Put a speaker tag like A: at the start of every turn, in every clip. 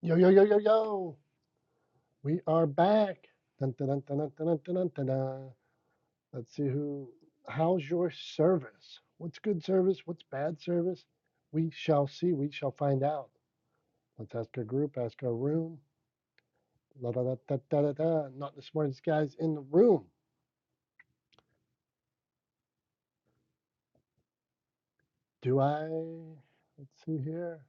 A: Yo, yo, yo, yo, yo. We are back. Dun, dun, dun, dun, dun, dun, dun, dun, dun, dun. Let's see who. How's your service? What's good service? What's bad service? We shall see. We shall find out. Let's ask our group, ask our room. La, da, da, da, da, da, da. Not the smartest guys in the room. Do I? Let's see here.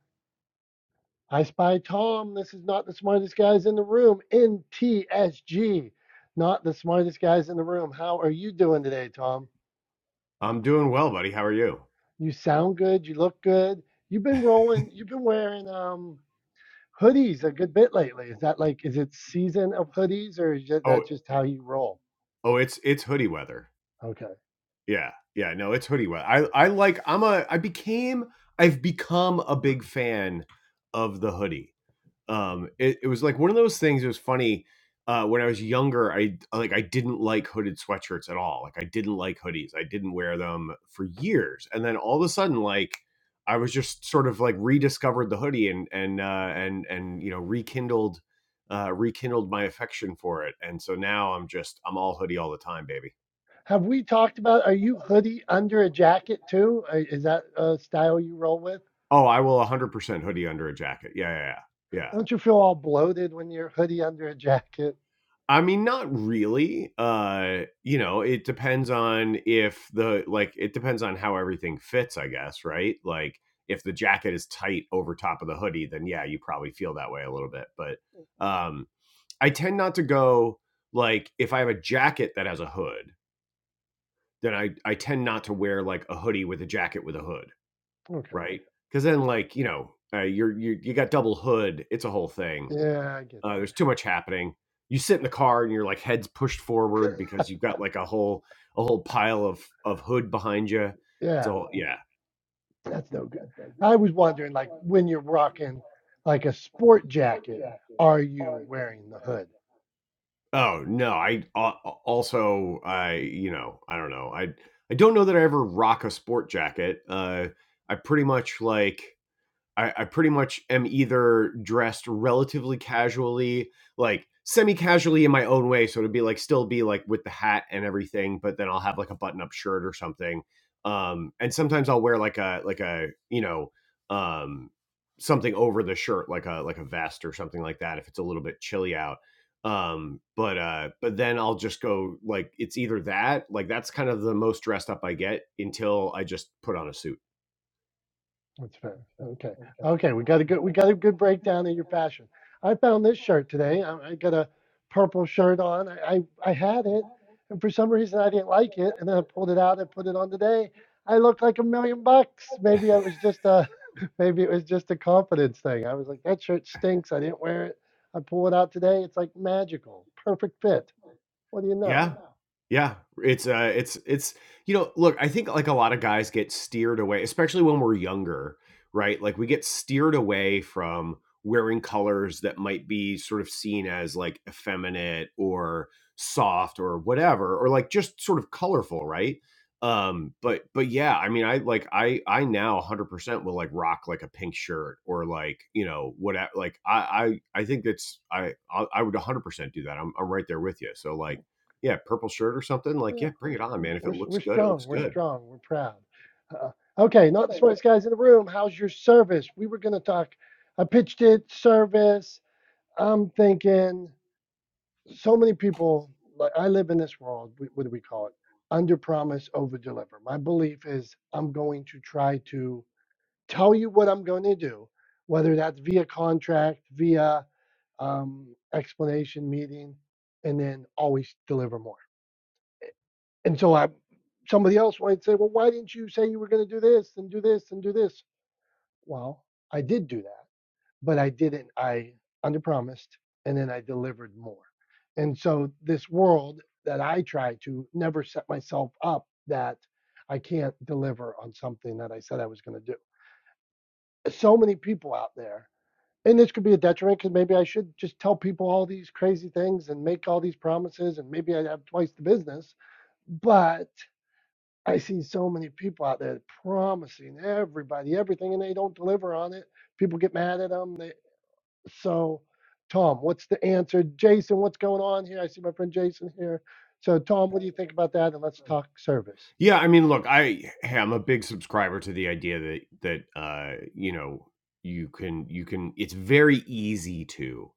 A: I spy Tom. This is not the smartest guys in the room. NTSG. Not the smartest guys in the room. How are you doing today, Tom?
B: I'm doing well, buddy. How are you?
A: You sound good. You look good. You've been rolling. You've been wearing um, hoodies a good bit lately. Is that like, is it season of hoodies or is
B: Oh,
A: that just how you roll?
B: oh, it's it's hoodie weather.
A: Okay.
B: Yeah, yeah. No, it's hoodie weather. I I like. I'm a. I became. I've become a big fan of the hoodie. um it, it was like one of those things it was funny uh when i was younger i like i didn't like hooded sweatshirts at all like i didn't like hoodies i didn't wear them for years and then all of a sudden like i was just sort of like rediscovered the hoodie and and uh and and you know rekindled uh rekindled my affection for it and so now i'm just i'm all hoodie all the time baby
A: Have we talked about, are you hoodie under a jacket too? Uh, Is that a style you roll with?
B: oh i will 100% hoodie under a jacket yeah yeah yeah, yeah.
A: Don't you feel all bloated when you're hoodie under a jacket?
B: I mean, not really. Uh, you know, it depends on if the like it depends on how everything fits, I guess, right? Like if the jacket is tight over top of the hoodie, then yeah, you probably feel that way a little bit. But um I tend not to go like if I have a jacket that has a hood, then I I tend not to wear like a hoodie with a jacket with a hood,
A: Okay.
B: right? Cuz then like, you know, uh, you're you you got double hood, it's a whole thing.
A: Yeah, I get
B: Uh,
A: that.
B: there's too much happening. You sit in the car and you're like heads pushed forward because you've got like a whole a whole pile of of hood behind you.
A: Yeah,
B: So yeah.
A: that's no good. I was wondering, like, when you're rocking like a sport jacket, are you wearing the hood?
B: Oh no. I uh, also I you know I don't know. I I don't know that I ever rock a sport jacket. Uh, I pretty much like I, I pretty much am either dressed relatively casually, like semi casually in my own way. So it'd be like still be like with the hat and everything, but then I'll have like a button up shirt or something. Um, and sometimes I'll wear like a, like a, you know, um, something over the shirt, like a, like a vest or something like that if it's a little bit chilly out. Um, but, uh, but then I'll just go like it's either that, like that's kind of the most dressed up I get until I just put on a suit.
A: That's fair. Okay. Okay. We got a good we got a good breakdown of your fashion. I found this shirt today. I, I got a purple shirt on. I, I I had it, and for some reason I didn't like it, and then I pulled it out and put it on today. I looked like a million bucks. Maybe I was just a maybe it was just a confidence thing. I was like that shirt stinks. I didn't wear it. I pull it out today. It's like magical, perfect fit. What do you know?
B: Yeah. Yeah. It's uh it's it's you know, look, I think like a lot of guys get steered away, especially when we're younger, right? Like we get steered away from wearing colors that might be sort of seen as like effeminate or soft or whatever or like just sort of colorful, right? Um but but yeah, I mean I like I I now 100% will like rock like a pink shirt or like, you know, whatever like I I I think it's I I I would 100% do that. I'm I'm right there with you. So like yeah, purple shirt or something, like,
A: Yeah.
B: yeah, bring it on,
A: We're,
B: man. If it
A: we're,
B: looks
A: we're
B: good, it
A: strong.
B: looks
A: We're
B: good.
A: strong. We're proud. Uh, okay, not the smartest guys in the room. How's your service? We were going to talk. I pitched it, service. I'm thinking so many people, like I live in this world, what do we call it? Under promise, over deliver. My belief is I'm going to try to tell you what I'm going to do, whether that's via contract, via um, explanation meeting, and then always deliver more. And so I, somebody else might say, well, why didn't you say you were going to do this and do this and do this? Well, I did do that, but I didn't. I underpromised and then I delivered more. And so this world that I try to never set myself up that I can't deliver on something that I said I was going to do. So many people out there, and this could be a detriment because maybe I should just tell people all these crazy things and make all these promises and maybe I have twice the business, but I see so many people out there promising everybody everything, and they don't deliver on it. People get mad at them. They, so, Tom, what's the answer? Jason, what's going on here? I see my friend Jason here. So, Tom, what do you think about that? And let's talk service.
B: Yeah, I mean, look, I am a big subscriber to the idea that that uh, you know, you can you can it's very easy to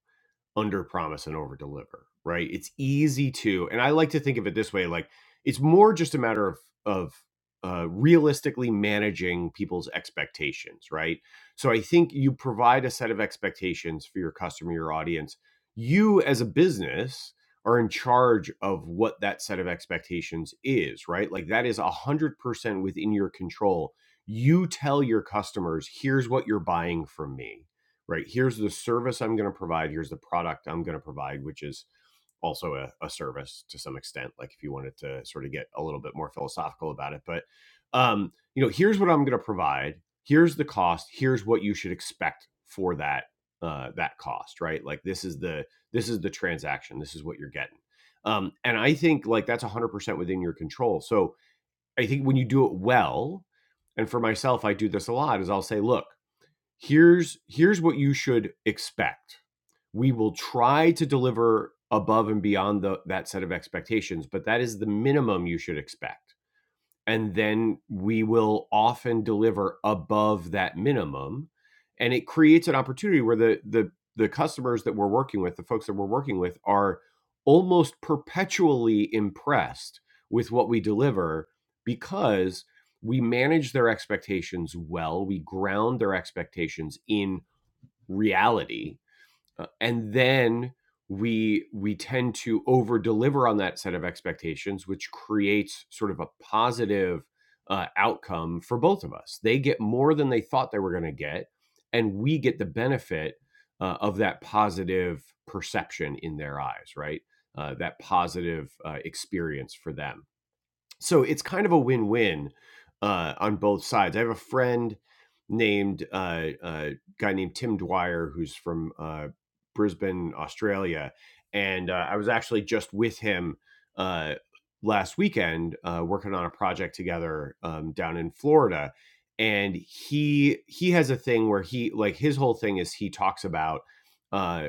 B: under promise and over deliver, right? It's easy to, and I like to think of it this way like it's more just a matter of, of, uh, realistically managing people's expectations, right? So I think you provide a set of expectations for your customer, your audience. You as a business are in charge of what that set of expectations is, right? Like that is 100% within your control. You tell your customers, here's what you're buying from me right? Here's the service I'm going to provide. Here's the product I'm going to provide, which is also a, a service to some extent. Like if you wanted to sort of get a little bit more philosophical about it, but um, you know, here's what I'm going to provide. Here's the cost. Here's what you should expect for that uh, that cost, right? Like this is the this is the transaction. This is what you're getting. Um, and I think like that's 100% within your control. So I think when you do it well, and for myself, I do this a lot, is I'll say, look, here's here's what you should expect we will try to deliver above and beyond the, that set of expectations but that is the minimum you should expect and then we will often deliver above that minimum and it creates an opportunity where the the the customers that we're working with the folks that we're working with are almost perpetually impressed with what we deliver because we manage their expectations well we ground their expectations in reality uh, and then we we tend to over deliver on that set of expectations which creates sort of a positive uh, outcome for both of us they get more than they thought they were going to get and we get the benefit uh, of that positive perception in their eyes right uh, that positive uh, experience for them so it's kind of a win-win uh, on both sides. I have a friend named uh, uh, guy named Tim Dwyer who's from uh, Brisbane, Australia, and uh, I was actually just with him uh, last weekend uh, working on a project together um, down in Florida. And he he has a thing where he like his whole thing is he talks about uh,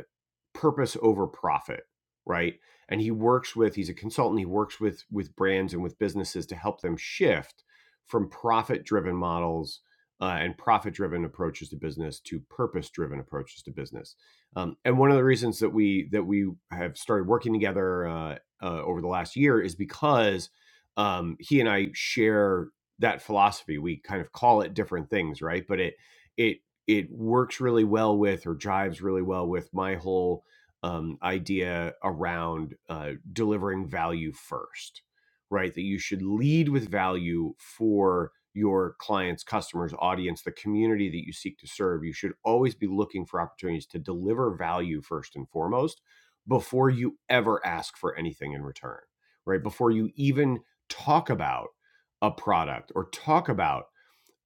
B: purpose over profit right and he works with he's a consultant he works with with brands and with businesses to help them shift from profit driven models uh, and profit driven approaches to business to purpose driven approaches to business um, and one of the reasons that we that we have started working together uh, uh, over the last year is because um, he and i share that philosophy we kind of call it different things right but it it it works really well with or jives really well with my whole um, idea around uh, delivering value first, right? That you should lead with value for your clients, customers, audience, the community that you seek to serve. You should always be looking for opportunities to deliver value first and foremost before you ever ask for anything in return, right? Before you even talk about a product or talk about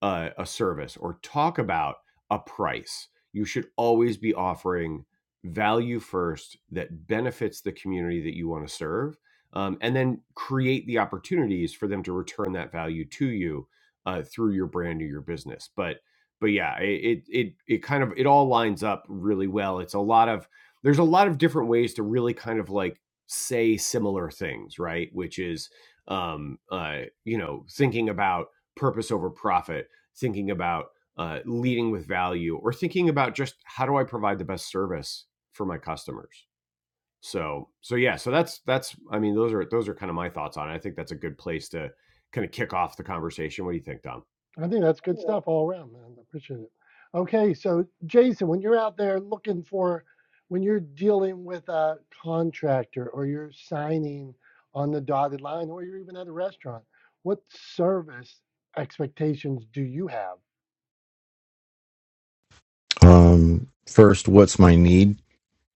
B: a, a service or talk about a price. You should always be offering value first that benefits the community that you want to serve, um, and then create the opportunities for them to return that value to you uh, through your brand or your business. But but yeah, it, it it it kind of it all lines up really well. It's a lot of there's a lot of different ways to really kind of like say similar things, right? Which is um, uh, you know thinking about purpose over profit thinking about uh, leading with value or thinking about just how do I provide the best service for my customers. So so yeah, so that's that's I mean those are those are kind of my thoughts on it. I think that's a good place to kind of kick off the conversation. What do you think, Dom?
A: I think that's good stuff all around, man. I appreciate it. Okay, so Jason, when you're out there looking for, when you're dealing with a contractor or you're signing on the dotted line or you're even at a restaurant, what service expectations do you have?
C: Um, first, what's my need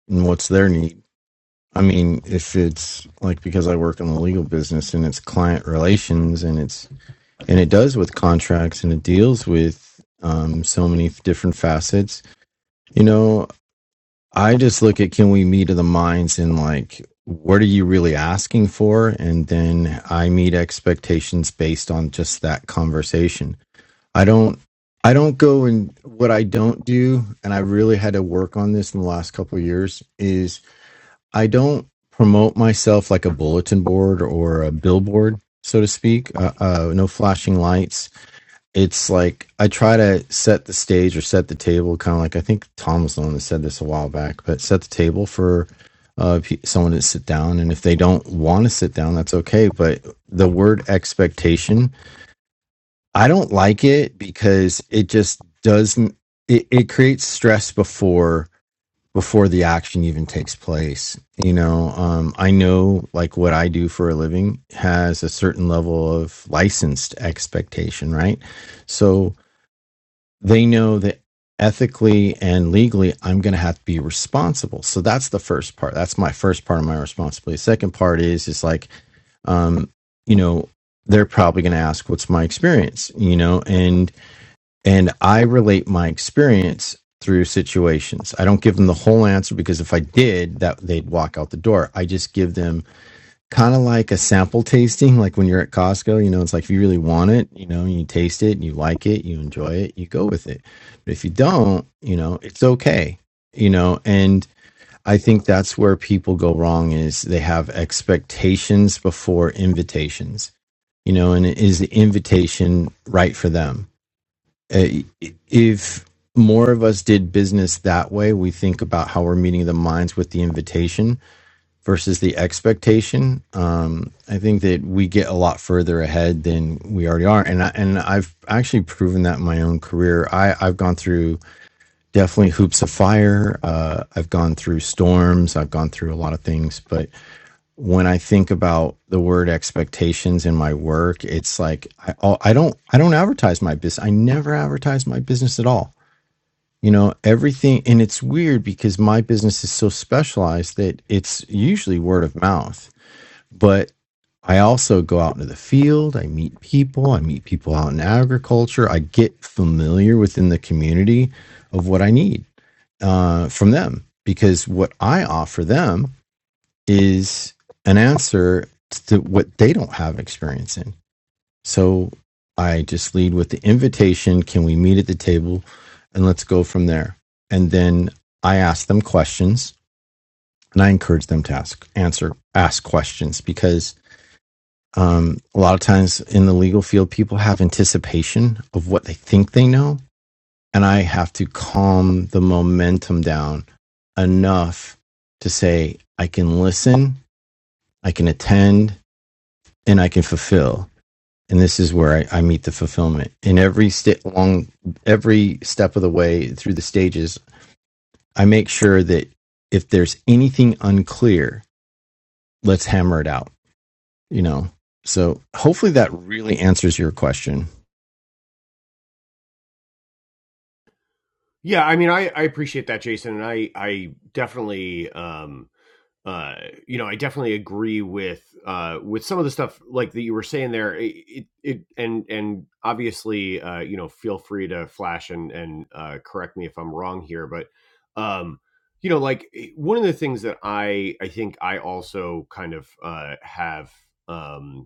C: and what's their need? I mean, if it's like because I work in the legal business and it's client relations and it's and it does with contracts and it deals with um, so many different facets, you know, I just look at can we meet of the minds and like what are you really asking for? And then I meet expectations based on just that conversation I don't I don't go and what I don't do, and I really had to work on this in the last couple of years, is I don't promote myself like a bulletin board or a billboard, so to speak. Uh, uh, no flashing lights. It's like I try to set the stage or set the table, kind of like I think Tom was the one that said this a while back, but set the table for uh, pe- someone to sit down. And if they don't want to sit down, that's okay. But the word expectation I don't like it because it just doesn't it, it creates stress before before the action even takes place. You know, um I know like what I do for a living has a certain level of licensed expectation, right? So they know that ethically and legally I'm going to have to be responsible. So that's the first part. That's my first part of my responsibility. Second part is is like um you know, they're probably going to ask what's my experience, you know, and and I relate my experience through situations. I don't give them the whole answer because if I did, that they'd walk out the door. I just give them kind of like a sample tasting, like when you're at Costco, you know, it's like if you really want it, you know, you taste it and you like it, you enjoy it, you go with it. But if you don't, you know, it's okay. You know, and I think that's where people go wrong is they have expectations before invitations. You know, and is the invitation right for them? Uh, if more of us did business that way, we think about how we're meeting the minds with the invitation versus the expectation. Um, I think that we get a lot further ahead than we already are, and I, and I've actually proven that in my own career. I I've gone through definitely hoops of fire. Uh, I've gone through storms. I've gone through a lot of things, but when I think about the word expectations in my work, it's like I, I don't I don't advertise my business. I never advertise my business at all. You know, everything and it's weird because my business is so specialized that it's usually word of mouth. But I also go out into the field, I meet people, I meet people out in agriculture, I get familiar within the community of what I need uh, from them because what I offer them is an answer to what they don't have experience in. So I just lead with the invitation can we meet at the table and let's go from there. And then I ask them questions and I encourage them to ask, answer, ask questions because um, a lot of times in the legal field, people have anticipation of what they think they know. And I have to calm the momentum down enough to say, I can listen, I can attend, and I can fulfill. And this is where I, I meet the fulfillment. In every step along every step of the way through the stages, I make sure that if there's anything unclear, let's hammer it out, you know. So hopefully that really answers your question.
B: Yeah, I mean I I appreciate that, Jason, and I I definitely um uh, you know, I definitely agree with uh, with some of the stuff like that you were saying there. It, it, and and obviously, uh, you know, feel free to flash and and uh, correct me if I'm wrong here, but um, you know, like eh, one of the things that I I think I also kind of uh, have um,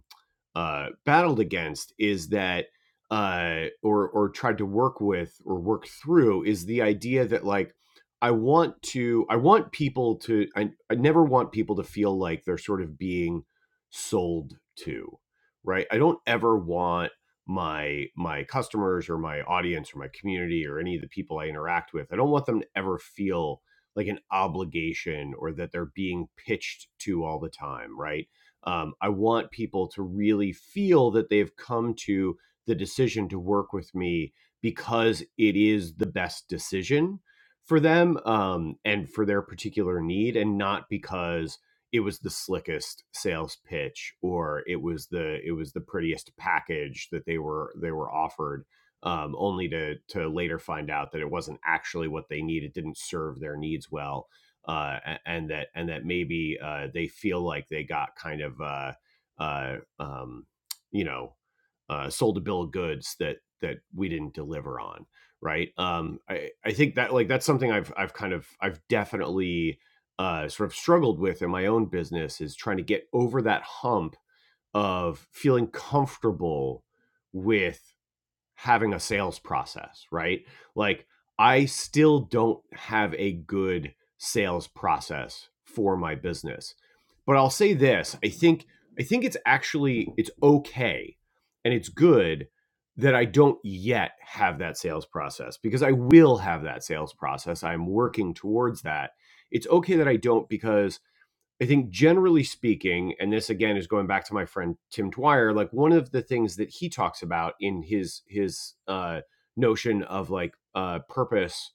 B: uh, battled against is that uh, or or tried to work with or work through is the idea that like I want to I want people to I, I never want people to feel like they're sort of being sold to right I don't ever want my my customers or my audience or my community or any of the people I interact with I don't want them to ever feel like an obligation or that they're being pitched to all the time right um, I want people to really feel that they've come to the decision to work with me because it is the best decision for them um, and for their particular need, and not because it was the slickest sales pitch or it was the it was the prettiest package that they were they were offered um, only to to later find out that it wasn't actually what they needed didn't serve their needs well uh, and that and that maybe uh, they feel like they got kind of uh, uh, um, you know uh, sold a bill of goods that that we didn't deliver on right um, I, I think that like that's something I've I've kind of I've definitely uh, sort of struggled with in my own business is trying to get over that hump of feeling comfortable with having a sales process, right? Like I still don't have a good sales process for my business. But I'll say this, I think I think it's actually it's okay and it's good that I don't yet have that sales process because I will have that sales process. I'm working towards that. It's okay that I don't because I think generally speaking, and this again is going back to my friend Tim Dwyer, like one of the things that he talks about in his his uh, notion of like uh, purpose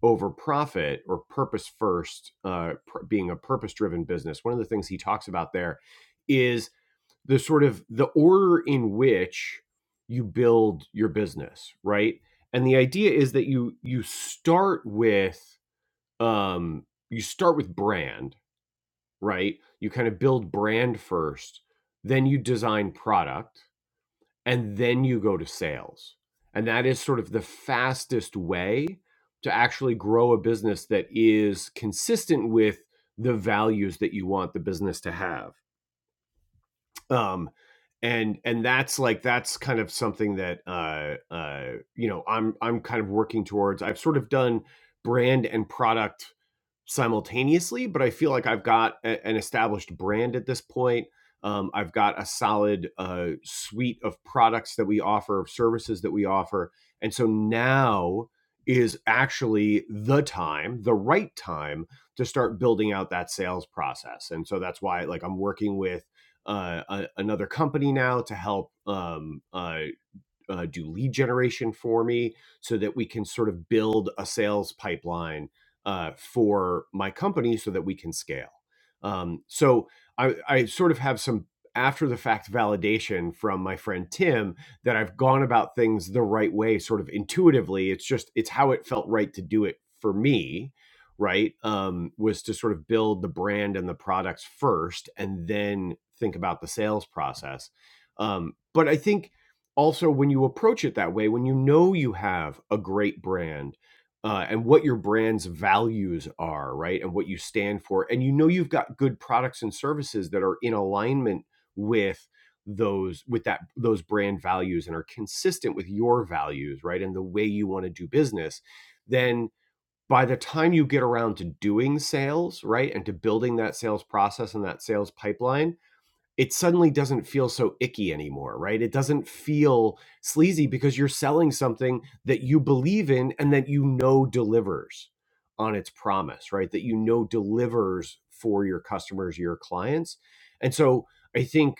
B: over profit or purpose first, uh, pr- being a purpose driven business. One of the things he talks about there is the sort of the order in which you build your business, right? And the idea is that you you start with um, you start with brand right? You kind of build brand first, then you design product, and then you go to sales. And that is sort of the fastest way to actually grow a business that is consistent with the values that you want the business to have um and and that's like that's kind of something that uh uh you know i'm i'm kind of working towards i've sort of done brand and product simultaneously but i feel like i've got a- an established brand at this point um, i've got a solid uh, suite of products that we offer of services that we offer and so now is actually the time the right time to start building out that sales process and so that's why like i'm working with uh, a, another company now to help um, uh, uh, do lead generation for me so that we can sort of build a sales pipeline uh, for my company so that we can scale. Um, so I, I sort of have some after the fact validation from my friend Tim that I've gone about things the right way, sort of intuitively. It's just, it's how it felt right to do it for me. Right. Um, was to sort of build the brand and the products first and then think about the sales process. Um, but I think also when you approach it that way when you know you have a great brand uh, and what your brand's values are right and what you stand for and you know you've got good products and services that are in alignment with those with that those brand values and are consistent with your values right and the way you want to do business then by the time you get around to doing sales right and to building that sales process and that sales pipeline it suddenly doesn't feel so icky anymore, right? It doesn't feel sleazy because you're selling something that you believe in and that you know delivers on its promise, right? That you know delivers for your customers, your clients. And so I think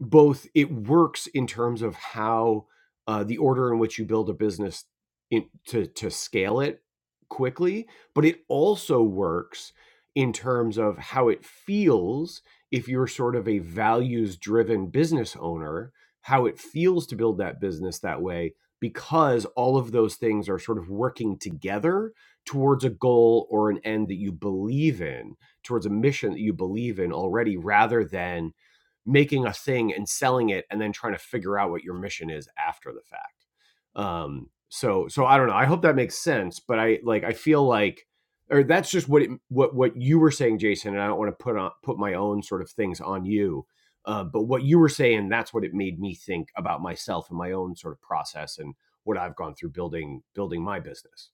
B: both it works in terms of how uh, the order in which you build a business in, to to scale it quickly, but it also works in terms of how it feels if you're sort of a values driven business owner, how it feels to build that business that way because all of those things are sort of working together towards a goal or an end that you believe in, towards a mission that you believe in already rather than making a thing and selling it and then trying to figure out what your mission is after the fact um so so i don't know i hope that makes sense but i like i feel like or that's just what it what what you were saying jason and i don't want to put on put my own sort of things on you uh, but what you were saying that's what it made me think about myself and my own sort of process and what i've gone through building building my business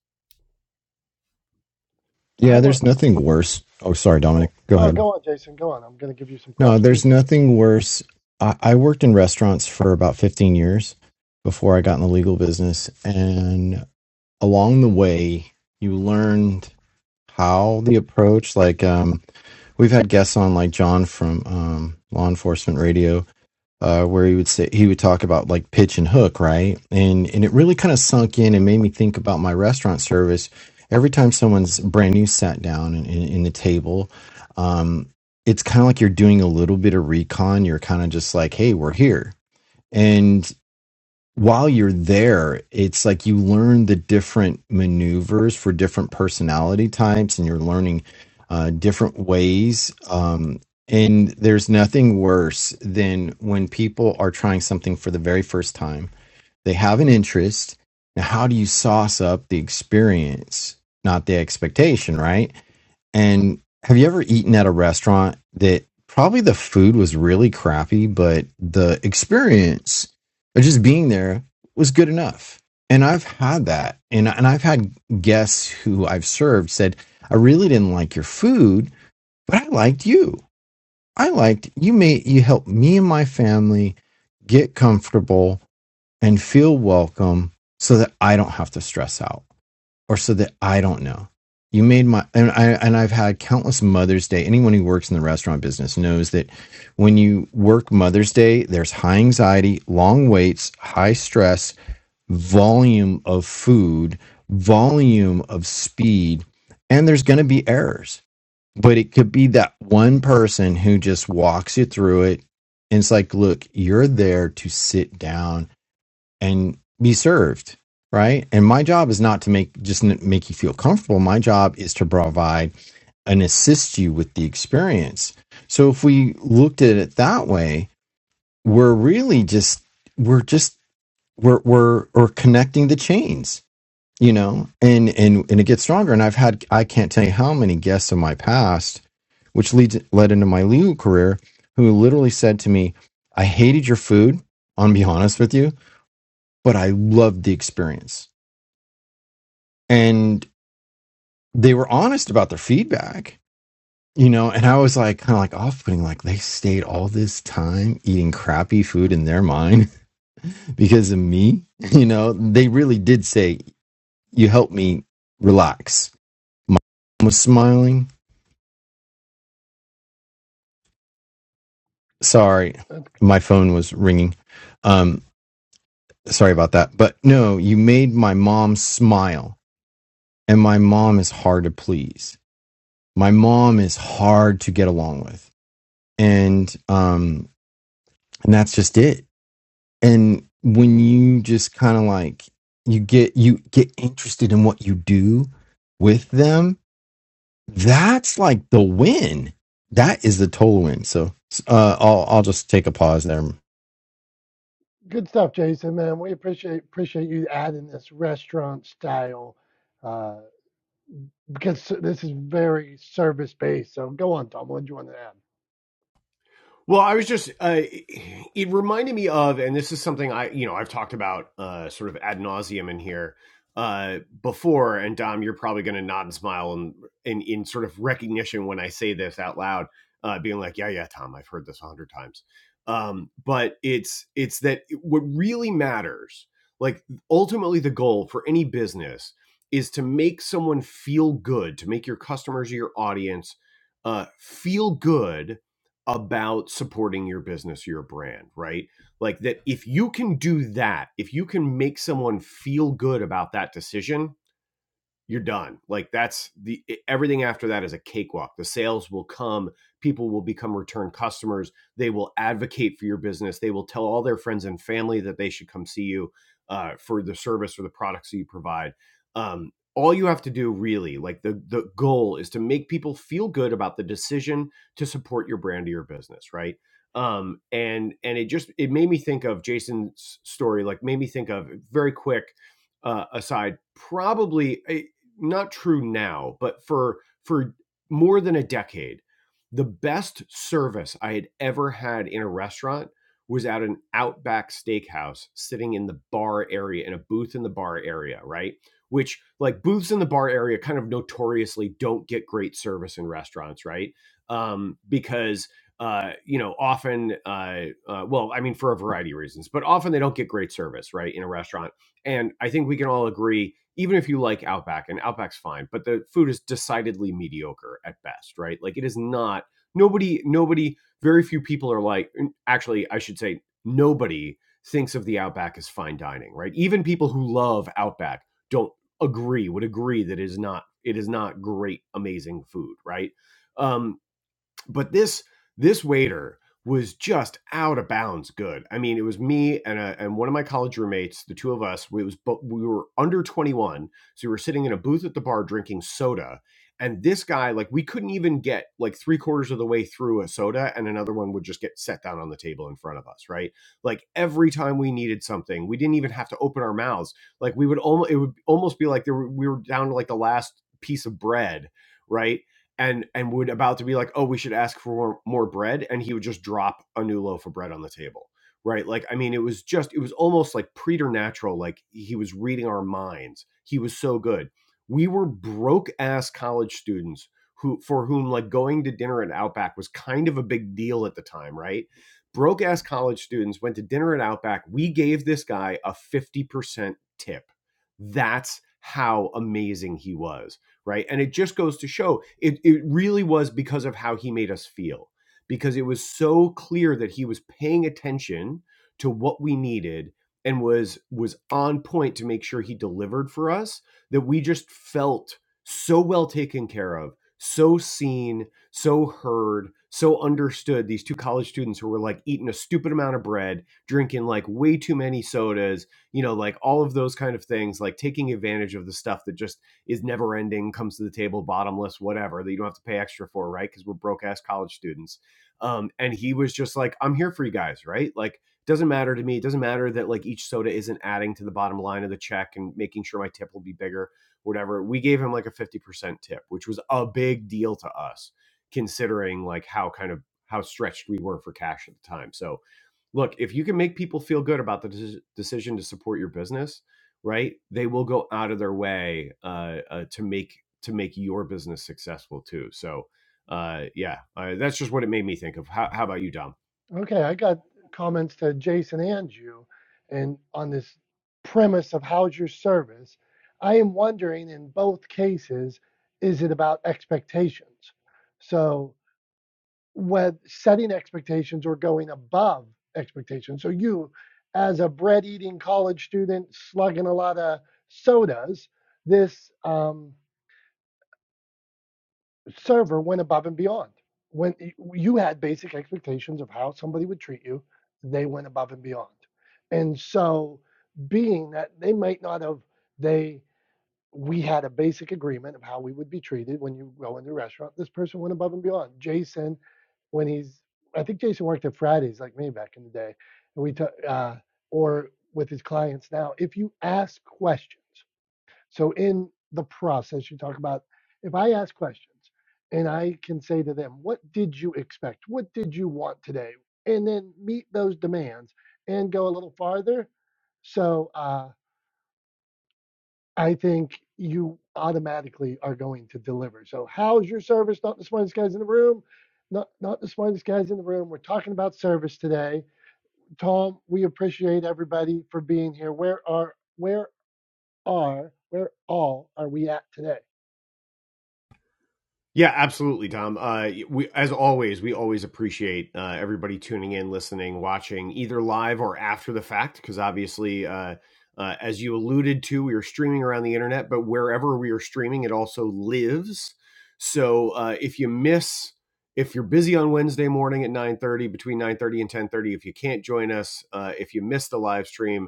A: I
C: Yeah,
A: want,
C: there's nothing worse. Oh, sorry, Dominic.
A: go,
C: Go
A: no,
C: ahead.
A: go on, Jason, go on. I'm going to give you some
C: No,
A: props
C: there's
A: too, but
C: nothing worse. I, I worked in restaurants for about 15 years before I got in the legal business. And along the way, you learned how the approach like um we've had guests on like john from um law enforcement radio uh where he would say he would talk about like pitch and hook right and and it really kind of sunk in and made me think about my restaurant service every time someone's brand new sat down in, in, in the table um it's kind of like you're doing a little bit of recon you're kind of just like hey we're here and while you're there, it's like you learn the different maneuvers for different personality types, and you're learning uh, different ways. Um, and there's nothing worse than when people are trying something for the very first time. They have an interest. Now, how do you sauce up the experience, not the expectation, right? And have you ever eaten at a restaurant that probably the food was really crappy, but the experience of just being there was good enough? And I've had that. And, and I've had guests who I've served said, I really didn't like your food, but I liked you. I liked you made you helped me and my family get comfortable and feel welcome so that I don't have to stress out or so that I don't know. You made my and I and I've had countless Mother's Day. Anyone who works in the restaurant business knows that when you work Mother's Day, there's high anxiety, long waits, high stress, volume of food, volume of speed, and there's going to be errors. But it could be that one person who just walks you through it. And it's like, look, you're there to sit down and be served, right? And my job is not to make just n- make you feel comfortable. My job is to provide and assist you with the experience. So if we looked at it that way, we're really just we're just we're we're we're connecting the chains, you know, and and and it gets stronger. And I've had I can't tell you how many guests in my past, which leads led into my legal career, who literally said to me, "I hated your food." I'm gonna be honest with you but I loved the experience. And they were honest about their feedback, you know, and I was like kind of like off putting, like they stayed all this time eating crappy food in their mind because of me. You know, they really did say, You helped me relax. My mom was smiling. Sorry,
A: that's
C: my phone was ringing. Um, sorry about that. But no, you made my mom smile. And my mom is hard to please. My mom is hard to get along with and um and that's just it and when you just kind of like you get you get interested in what you do with them that's like the win that is the total win so uh i'll i'll just take a pause there
A: good stuff, Jason, man. We appreciate appreciate you adding this restaurant style uh, because this is very service based. So go on, Tom. What do you want to add?
B: Well, I was just, uh, it reminded me of, and this is something I, you know, I've talked about uh, sort of ad nauseum in here uh, before. And Dom, you're probably going to nod and smile and in, in, in sort of recognition when I say this out loud, uh, being like, yeah, yeah, Tom, I've heard this a hundred times. Um, but it's, it's that what really matters, like ultimately the goal for any business is to make someone feel good, to make your customers or your audience uh, feel good about supporting your business, your brand, right? Like that if you can do that, if you can make someone feel good about that decision, you're done. Like that's the e, everything after that is a cakewalk. The sales will come, people will become return customers, they will advocate for your business, they will tell all their friends and family that they should come see you uh, for the service or the products that you provide. Um, all you have to do really, like the the goal is to make people feel good about the decision to support your brand or your business, right? Um, and and it just it made me think of Jason's story, like made me think of very quick uh, aside, probably eh, not true now, but for for more than a decade, the best service I had ever had in a restaurant was at an Outback Steakhouse, sitting in the bar area in a booth in the bar area, right? Which like booths in the bar area kind of notoriously don't get great service in restaurants, right? Um, because uh, you know, often, uh, uh, well, I mean, for a variety of reasons, but often they don't get great service, right, in a restaurant. And I think we can all agree even if you like Outback and Outback's fine, but the food is decidedly mediocre at best, right? Like it is not nobody nobody very few people are like actually I should say nobody thinks of the Outback as fine dining, right? Even people who love Outback don't agree would agree that it is not it is not great amazing food, right? Um but this this waiter was just out of bounds good. I mean, it was me and a, and one of my college roommates, the two of us. We was we were under 21, so we were sitting in a booth at the bar drinking soda. And this guy, like, we couldn't even get like three quarters of the way through a soda, and another one would just get set down on the table in front of us, right? Like every time we needed something, we didn't even have to open our mouths. Like we would almost, it would almost be like there were, we were down to like the last piece of bread, right? and and would about to be like, oh, we should ask for more, more bread, and he would just drop a new loaf of bread on the table, right? Like, I mean, it was just it was almost like preternatural. Like he was reading our minds. He was so good. We were broke ass college students who for whom like going to dinner at Outback was kind of a big deal at the time, right? Broke ass college students went to dinner at Outback. We gave this guy a 50% tip. That's how amazing he was, right? And it just goes to show it, it really was because of how he made us feel, because it was so clear that he was paying attention to what we needed and was was on point to make sure he delivered for us that we just felt so well taken care of so seen so heard so understood these two college students who were like eating a stupid amount of bread drinking like way too many sodas you know like all of those kind of things like taking advantage of the stuff that just is never ending comes to the table bottomless whatever that you don't have to pay extra for right because we're broke ass college students um, and he was just like i'm here for you guys right like doesn't matter to me it doesn't matter that like each soda isn't adding to the bottom line of the check and making sure my tip will be bigger whatever we gave him like a 50% tip which was a big deal to us considering like how kind of how stretched we were for cash at the time so look, if you can make people feel good about the deci- decision to support your business, right? They will go out of their way uh, uh, to make to make your business successful too. So, uh, yeah, uh, that's just what it made me think of. How, how about you, Dom?
A: Okay, I got comments to Jason and you, and on this premise of how's your service, I am wondering in both cases, is it about expectations? So, whether setting expectations or going above expectations. So, you, as a bread eating college student, slugging a lot of sodas, this um, server went above and beyond. When you had basic expectations of how somebody would treat you, they went above and beyond. And so, being that they might not have, they we had a basic agreement of how we would be treated when you go into a restaurant. This person went above and beyond. Jason, when he's, I think Jason worked at Fridays like me back in the day, and we took, uh, or with his clients now. If you ask questions so in the process, you talk about if I ask questions and I can say to them, what did you expect? What did you want today? And then meet those demands and go a little farther. So uh, I think you automatically are going to deliver. So how's your service? Not the smartest guys in the room. Not, not the smartest guys in the room. We're talking about service today. Tom, we appreciate everybody for being here. Where are where are where all are we at today?
B: Yeah, absolutely, Tom. Uh, we, as always, we always appreciate uh, everybody tuning in, listening, watching, either live or after the fact, because obviously, uh, uh, as you alluded to, we are streaming around the internet, but wherever we are streaming, it also lives. So uh, if you miss, if you're busy on Wednesday morning at 9:30, between 9:30 and 10:30, if you can't join us, uh, if you miss the live stream,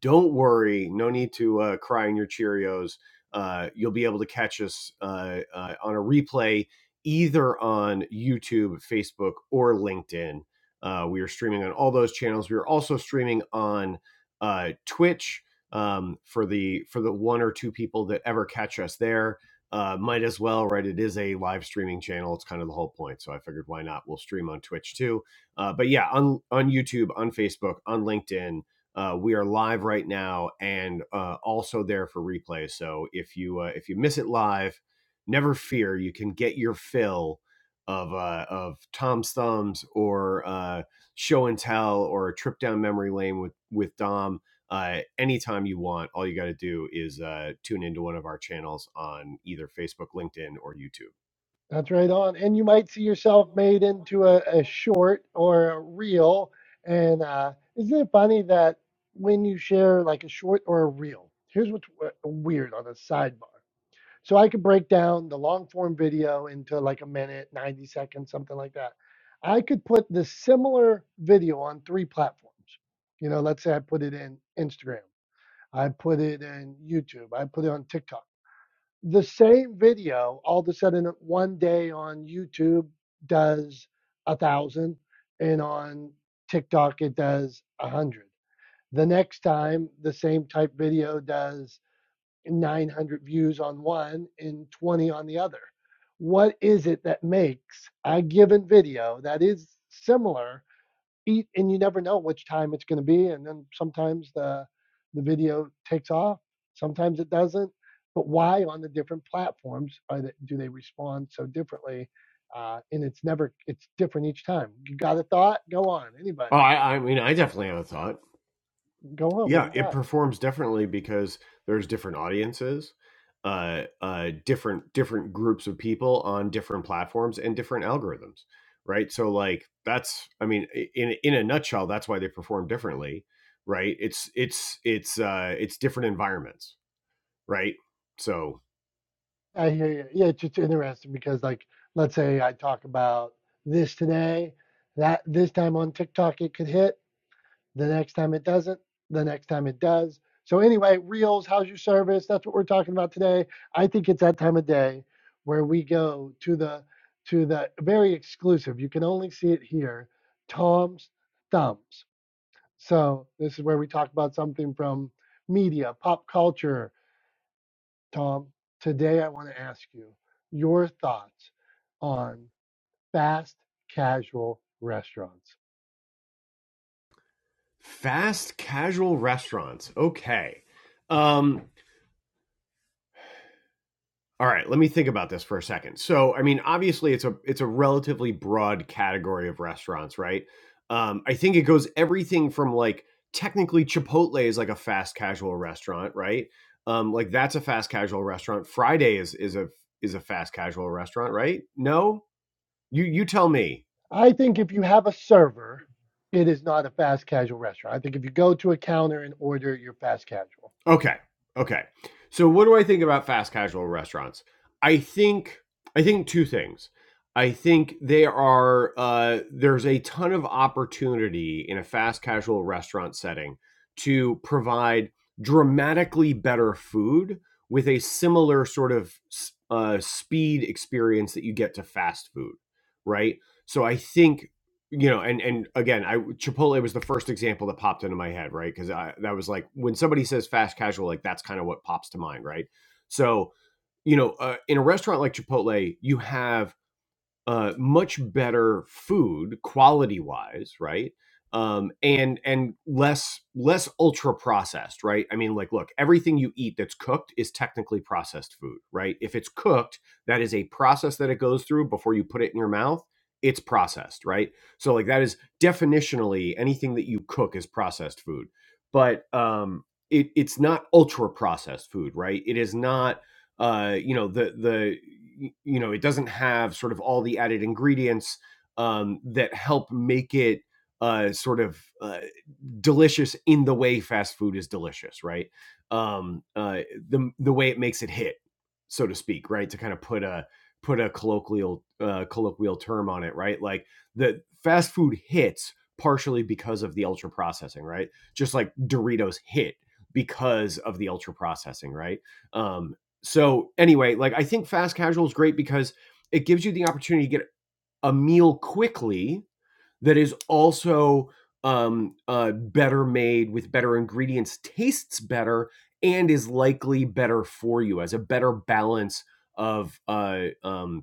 B: don't worry, no need to uh, cry in your Cheerios. Uh, you'll be able to catch us uh, uh, on a replay either on YouTube, Facebook, or LinkedIn. Uh, we are streaming on all those channels. We are also streaming on uh, Twitch um, for the for the one or two people that ever catch us there. Uh, might as well, right? It is a live streaming channel. It's kind of the whole point. So I figured, why not? We'll stream on Twitch too. Uh, but yeah, on on YouTube, on Facebook, on LinkedIn, uh, we are live right now and uh, also there for replay. So if you uh, if you miss it live, never fear. You can get your fill of uh, of Tom's thumbs or uh, show and tell or a trip down memory lane with with Dom. Uh, anytime you want, all you got to do is uh, tune into one of our channels on either Facebook, LinkedIn, or YouTube.
A: That's right on. And you might see yourself made into a, a short or a reel. And uh, isn't it funny that when you share like a short or a reel, here's what's w- weird on a sidebar. So I could break down the long form video into like a minute, 90 seconds, something like that. I could put the similar video on three platforms. You know, let's say I put it in Instagram, I put it in YouTube, I put it on TikTok the same video all of a sudden one day on YouTube does a thousand and on TikTok it does a hundred. The next time the same type video does 900 views on one and 20 on the other. What is it that makes a given video that is similar eat and you never know which time it's going to be and then sometimes the the video takes off sometimes it doesn't but why on the different platforms are they, do they respond so differently uh, and it's never it's different each time you got a thought go on anybody
B: Oh, I, I mean, I definitely have a thought.
A: go on what do
B: yeah
A: you
B: it
A: got
B: performs differently because there's different audiences uh uh different different groups of people on different platforms and different algorithms right so like that's i mean i- in in a nutshell that's why they perform differently right it's it's it's uh it's different environments right so
A: i hear you yeah it's just interesting because like let's say i talk about this today that this time on tiktok it could hit The next time it doesn't, the next time it does. So, anyway, Reels, how's your service? That's what we're talking about today. I think it's that time of day where we go to the to the very exclusive. You can only see it here, Tom's Thumbs. So this is where we talk about something from media, pop culture. Tom, today I want to ask you your thoughts on fast casual restaurants.
B: fast casual restaurants okay um All right, let me think about this for a second. So, I mean, obviously, it's a it's a relatively broad category of restaurants, right? Um, I think it goes everything from like technically Chipotle is like a fast casual restaurant, right? Um, like that's a fast casual restaurant. Friday is is a is a fast casual restaurant, right? No, you you tell me.
A: I think if you have a server, it is not a fast casual restaurant. I think if you go to a counter and order, you're fast casual.
B: Okay. Okay. So what do I think about fast casual restaurants? I think I think two things. I think they are uh, there's a ton of opportunity in a fast casual restaurant setting to provide dramatically better food with a similar sort of s- uh, speed experience that you get to fast food, right? So I think you know and and again i chipotle was the first example that popped into my head right because i that was like when somebody says fast casual like that's kind of what pops to mind right so you know uh, in a restaurant like chipotle you have uh, much better food quality wise, right? Um, and and less less ultra processed, right? I mean, like, look, everything you eat that's cooked is technically processed food, right? If it's cooked, that is a process that it goes through before you put it in your mouth. It's processed, right? So like that is definitionally anything that you cook is processed food, but um, it it's not ultra processed food, right? It is not uh, you know the the you know it doesn't have sort of all the added ingredients um, that help make it uh, sort of uh, delicious in the way fast food is delicious, right? Um, uh, the the way it makes it hit, so to speak, right? To kind of put a put a colloquial uh, colloquial term on it, right? Like the fast food hits partially because of the ultra processing, right? Just like Doritos hit because of the ultra processing, right? Um, so anyway, like I think fast casual is great because it gives you the opportunity to get a meal quickly that is also um, uh, better made with better ingredients, tastes better, and is likely better for you as a better balance of uh, um,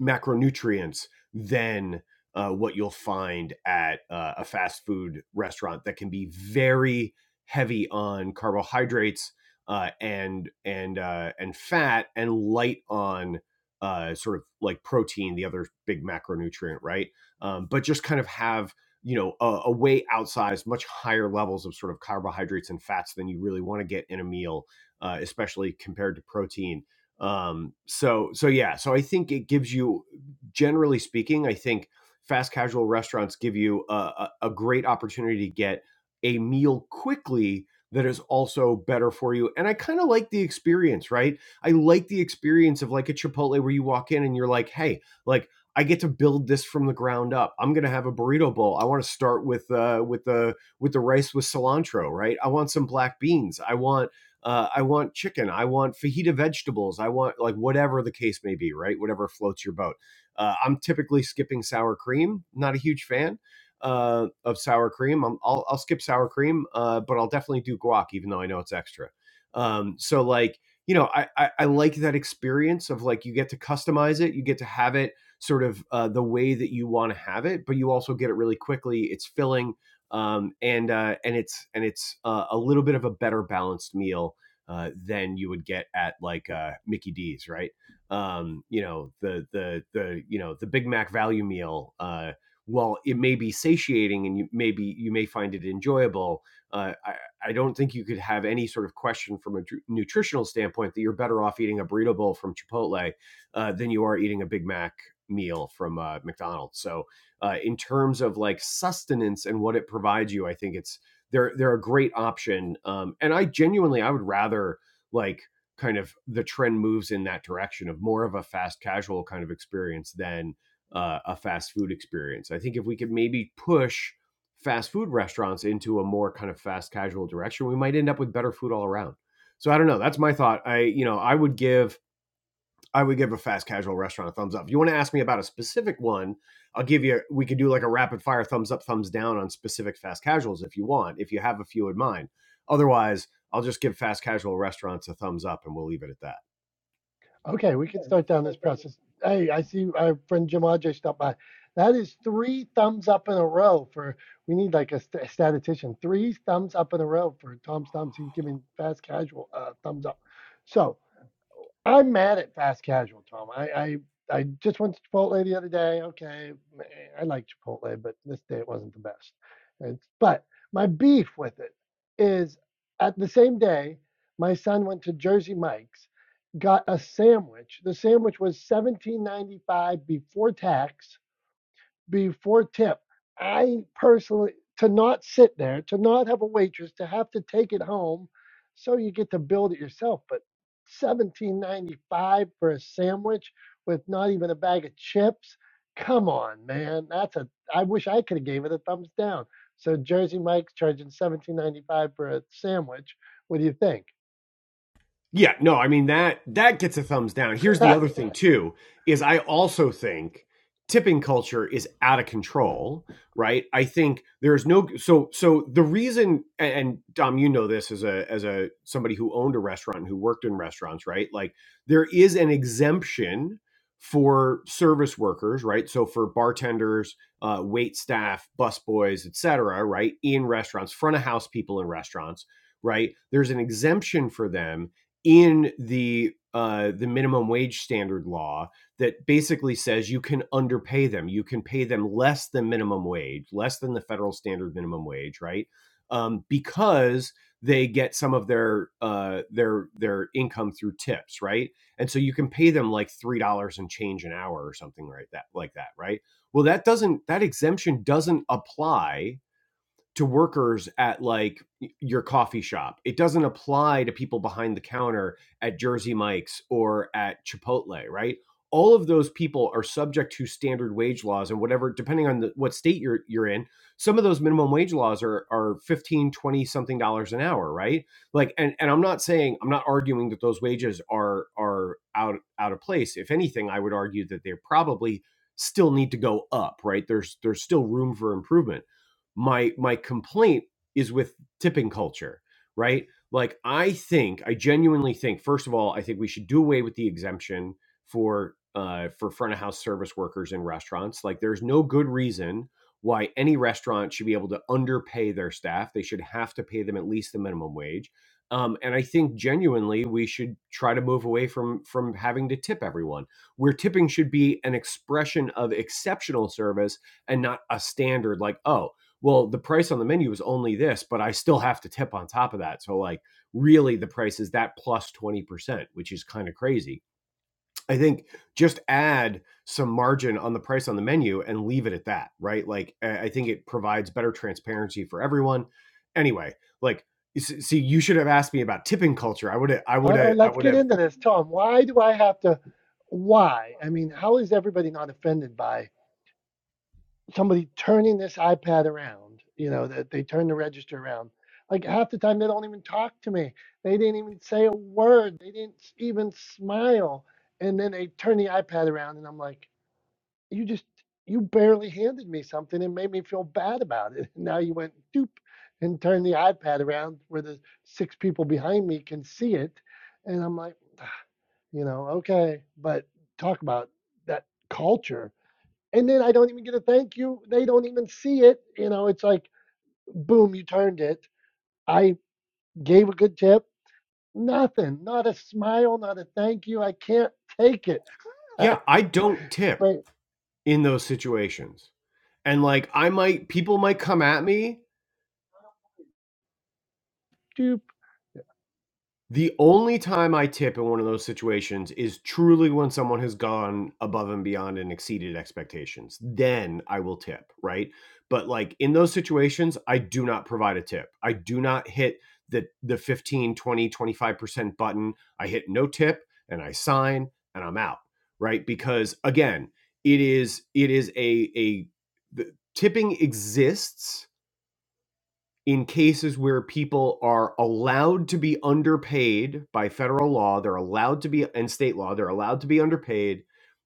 B: macronutrients than uh, what you'll find at uh, a fast food restaurant that can be very heavy on carbohydrates uh, and and uh, and fat and light on uh, sort of like protein, the other big macronutrient, right? Um, but just kind of have you know a, a way outsized, much higher levels of sort of carbohydrates and fats than you really want to get in a meal, uh, especially compared to protein um, so so yeah, so I think it gives you, generally speaking, I think fast casual restaurants give you a, a, a great opportunity to get a meal quickly that is also better for you. And I kind of like the experience, right? I like the experience of like a Chipotle where you walk in and you're like, hey, like I get to build this from the ground up. I'm gonna have a burrito bowl. I want to start with uh with the with the rice with cilantro, right? I want some black beans. I want uh, I want chicken, I want fajita vegetables, I want like whatever the case may be, right? Whatever floats your boat. Uh, I'm typically skipping sour cream. Not a huge fan uh, of sour cream. I'm, I'll, I'll skip sour cream, uh, but I'll definitely do guac, even though I know it's extra. Um, so like, you know, I, I, I like that experience of like you get to customize it, you get to have it sort of uh, the way that you want to have it, but you also get it really quickly. It's filling um, and uh, and it's and it's uh, a little bit of a better balanced meal uh, than you would get at like uh, Mickey D's, right? Um, you know the the the you know the Big Mac value meal. Uh, while it may be satiating and you maybe you may find it enjoyable, uh, I, I don't think you could have any sort of question from a tr- nutritional standpoint that you're better off eating a burrito bowl from Chipotle uh, than you are eating a Big Mac meal from uh, McDonald's. So uh, in terms of like sustenance and what it provides you, I think it's they're they're a great option. Um, and I genuinely I would rather like kind of the trend moves in that direction of more of a fast casual kind of experience than uh, a fast food experience. I think if we could maybe push fast food restaurants into a more kind of fast casual direction, we might end up with better food all around. So I don't know. That's my thought. I you know I would give I would give a fast casual restaurant a thumbs up. If you want to ask me about a specific one, I'll give you. We could do like a rapid fire thumbs up, thumbs down on specific fast casuals if you want. If you have a few in mind, otherwise, I'll just give fast casual restaurants a thumbs up, and we'll leave it at that.
A: Okay, we can start down this process. Hey, I see our friend Jim Ajay stopped by. That is three thumbs up in a row for, we need like a, st- statistician, three thumbs up in a row for Tom Stumps. He's giving fast casual a thumbs up. So I'm mad at fast casual, Tom. I, I I just went to Chipotle the other day. Okay, eh, I like Chipotle, but this day it wasn't the best. It's, but my beef with it is at the same day, my son went to Jersey Mike's, got a sandwich. The sandwich was seventeen ninety five before tax before tip. I personally to not sit there, to not have a waitress, to have to take it home, so you get to build it yourself. But seventeen ninety five for a sandwich with not even a bag of chips. Come on, man. That's a I wish I could have gave it a thumbs down. So Jersey Mike's charging seventeen ninety five for a sandwich. What do you think?
B: Yeah, no, I mean that that gets a thumbs down. Here's the other thing too is I also think tipping culture is out of control, right? I think there's no so so the reason and Dom you know this as a as a somebody who owned a restaurant and who worked in restaurants, right? Like there is an exemption for service workers, right? So for bartenders, uh, wait staff, busboys, etc., right? In restaurants, front of house people in restaurants, right? There's an exemption for them in the uh, the minimum wage standard law that basically says you can underpay them. You can pay them less than minimum wage, less than the federal standard minimum wage, right? Um, because they get some of their uh, their their income through tips, right? And so you can pay them like three dollars and change an hour or something like that, like that, right? Well, that doesn't that exemption doesn't apply to workers at like your coffee shop. It doesn't apply to people behind the counter at Jersey Mike's or at Chipotle, right? All of those people are subject to standard wage laws and whatever, depending on the, what state you're you're in. Some of those minimum wage laws are are 15, 20 something dollars an hour, right? Like and, and I'm not saying I'm not arguing that those wages are are out out of place. If anything, I would argue that they probably still need to go up, right? There's there's still room for improvement my my complaint is with tipping culture, right? Like I think I genuinely think first of all I think we should do away with the exemption for uh, for front of house service workers in restaurants. Like there's no good reason why any restaurant should be able to underpay their staff. They should have to pay them at least the minimum wage. Um, and I think genuinely we should try to move away from from having to tip everyone. Where tipping should be an expression of exceptional service and not a standard like oh well, the price on the menu is only this, but I still have to tip on top of that. So, like, really, the price is that 20%, which is kind of crazy. I think just add some margin on the price on the menu and leave it at that, right? Like, I think it provides better transparency for everyone. Anyway, like, see, you should have asked me about tipping culture. I would have, I would
A: All right,
B: have, I
A: let's
B: would
A: get
B: have,
A: into this. Tom, why do I have to why? I mean, how is everybody not offended by somebody turning this iPad around, you know, that they turn the register around. Like half the time, they don't even talk to me. They didn't even say a word. They didn't even smile. And then they turn the iPad around, and I'm like, you just, you barely handed me something and made me feel bad about it. now you went doop and turned the iPad around where the six people behind me can see it. And I'm like, "Ah, you know, okay, but talk about that culture and then I don't even get a thank you. They don't even see it. You know, it's like, boom, you turned it. I gave a good tip. Nothing, not a smile, not a thank you. I can't take it.
B: yeah, I don't tip
A: But
B: in those situations. And like, I might, people might come at me
A: dude,
B: The only time I tip in one of those situations is truly when someone has gone above and beyond and exceeded expectations. Then I will tip, right? But like in those situations, I do not provide a tip. I do not hit the the fifteen, twenty, twenty five percent button. I hit no tip and I sign and I'm out, right? Because again, it is it is a a the, tipping exists in cases where people are allowed to be underpaid by federal law, they're allowed to be and state law, they're allowed to be underpaid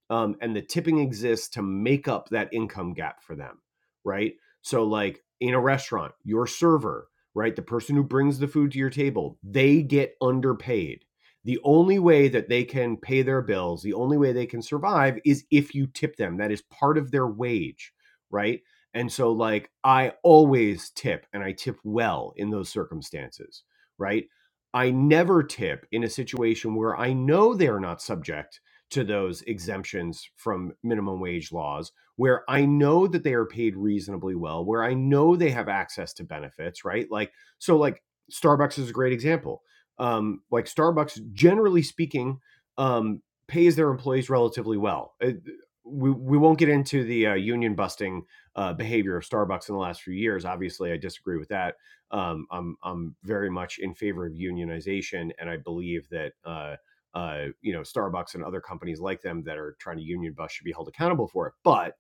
B: um, and the tipping exists to make up that income gap for them, right? So, like in a restaurant, your server, right, the person who brings the food to your table, they get underpaid. The only way that they can pay their bills, the only way they can survive is if you tip them. That is part of their wage, right? And so, like, I always tip and I tip well in those circumstances, right? I never tip in a situation where I know they're not subject to those exemptions from minimum wage laws where I know that they are paid reasonably well, where I know they have access to benefits, right? Like, so like Starbucks is a great example. Um, like Starbucks, generally speaking, um, pays their employees relatively well. It- we, we won't get into the uh, union busting uh, behavior of Starbucks in the last few years. Obviously, I disagree with that. Um, I'm I'm very much in favor of unionization, and I believe that uh, uh, you know Starbucks and other companies like them that are trying to union bust should be held accountable for it. But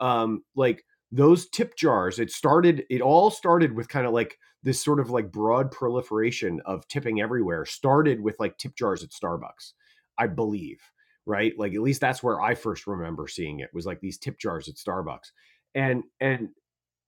B: um, like those tip jars, it started. It all started with kind of like this sort of like broad proliferation of tipping everywhere. Started with like tip jars at Starbucks, I believe. Right, like at least that's where I first remember seeing it was like these tip jars at Starbucks, and and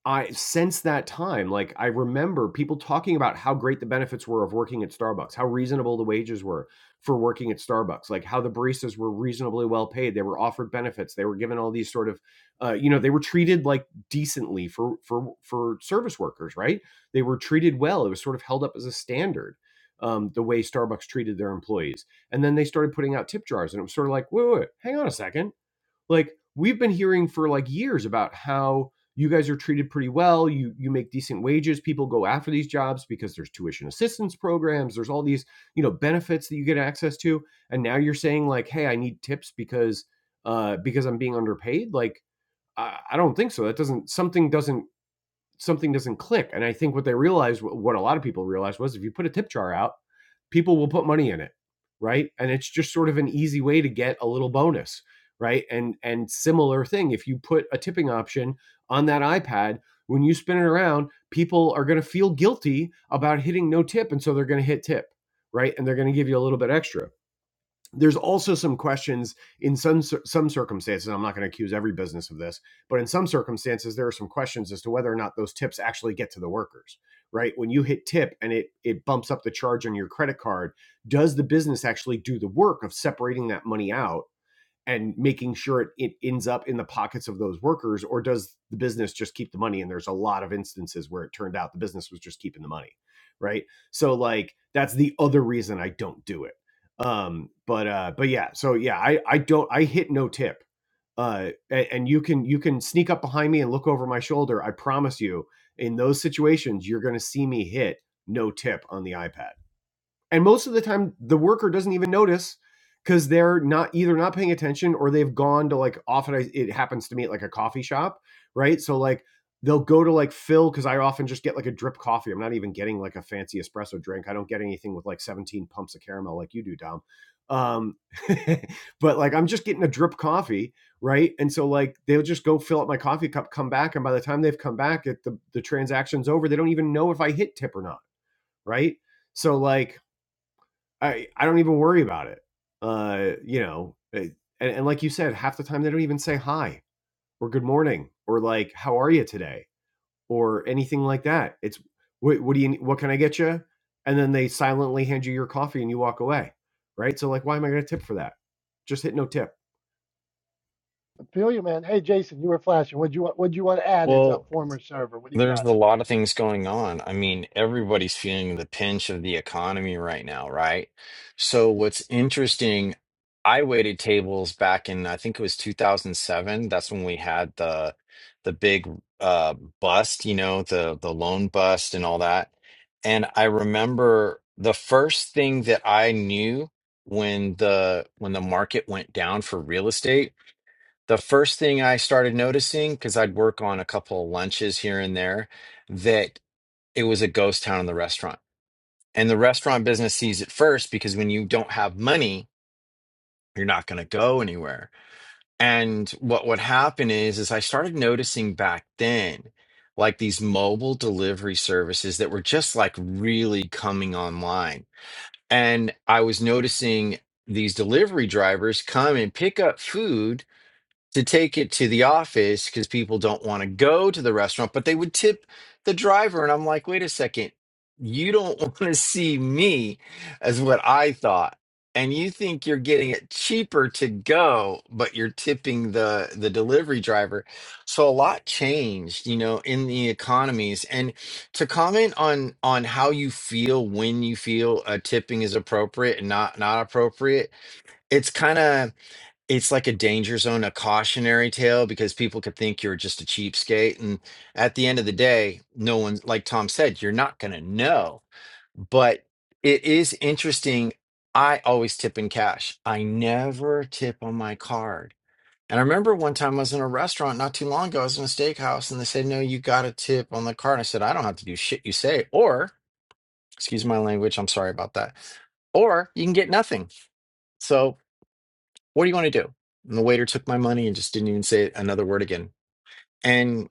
B: I since that time, like I remember people talking about how great the benefits were of working at Starbucks, how reasonable the wages were for working at Starbucks, like how the baristas were reasonably well paid. They were offered benefits. They were given all these sort of, uh, you know, they were treated like decently for for for service workers, right? They were treated well. It was sort of held up as a standard, um, the way Starbucks treated their employees. And then they started putting out tip jars, and it was sort of like, wait, wait, wait hang on a second like we've been hearing for like years about how you guys are treated pretty well you you make decent wages people go after these jobs because there's tuition assistance programs there's all these you know benefits that you get access to and now you're saying like hey i need tips because uh because i'm being underpaid like i, I don't think so that doesn't something doesn't something doesn't click. And I think what they realized, what a lot of people realized, was if you put a tip jar out, people will put money in it, right? And it's just sort of an easy way to get a little bonus, right? And and similar thing, if you put a tipping option on that iPad, when you spin it around, people are going to feel guilty about hitting no tip, and so they're going to hit tip, right? And they're going to give you a little bit extra there's also some questions in some some circumstances i'm not going to accuse every business of this but in some circumstances there are some questions as to whether or not those tips actually get to the workers right when you hit tip and it it bumps up the charge on your credit card does the business actually do the work of separating that money out and making sure it, it ends up in the pockets of those workers or does the business just keep the money and there's a lot of instances where it turned out the business was just keeping the money right so like that's the other reason i don't do it um but uh but yeah so yeah i i don't i hit no tip uh a- and you can you can sneak up behind me and look over my shoulder i promise you in those situations you're going to see me hit no tip on the ipad and most of the time, the worker doesn't even notice because they're not either not paying attention or they've gone to like often I, it happens to me at like a coffee shop, right? So like they'll go to like fill because I often just get like a drip coffee. I'm not even getting like a fancy espresso drink. I don't get anything with like 17 pumps of caramel like you do, Dom. Um, but like I'm just getting a drip coffee, right? And so like they'll just go fill up my coffee cup, come back, and by the time they've come back, it, the the transaction's over. They don't even know if I hit tip or not, right? So like I I don't even worry about it. Uh, you know, it- and, and like you said, half the time they don't even say hi or good morning or like how are you today or anything like that. It's what, what do you what can I get you? And then they silently hand you your coffee and you walk away, right? So like, why am I going to tip for that? Just hit no tip.
A: I feel you, man. Hey, Jason, you were flashing. What you want? What you want to add as a former server? What do you
C: There's
A: got?
C: a lot of things going on. I mean, everybody's feeling the pinch of the economy right now, right? So what's interesting, I waited tables back in, I think it was 2007. That's when we had the the big uh bust, you know, the the loan bust and all that. And I remember the first thing that I knew when the when the market went down for real estate the first thing I started noticing, because I'd work on a couple of lunches here and there, that it was a ghost town in the restaurant. And the restaurant business sees it first because when you don't have money, you're not going to go anywhere. And what would happen is, is I started noticing back then, like these mobile delivery services that were just like really coming online. And I was noticing these delivery drivers come and pick up food to take it to the office because people don't want to go to the restaurant, but they would tip the driver. And I'm like, wait a second, you don't want to see me, as what I thought. And you think you're getting it cheaper to go, but you're tipping the the delivery driver. So a lot changed, you know, in the economies. And to comment on on how you feel when you feel uh, tipping is appropriate and not not appropriate, it's kind of it's like a danger zone, a cautionary tale because people could think you're just a cheapskate. And at the end of the day, no one, like Tom said, you're not going to know. But it is interesting. I always tip in cash. I never tip on my card. And I remember one time I was in a restaurant not too long ago. I was in a steakhouse and they said, No, you got to tip on the card. I said, I don't have to do shit you say. Or, excuse my language, I'm sorry about that. Or you can get nothing. So what do you want to do? And the waiter took my money and just didn't even say another word again. And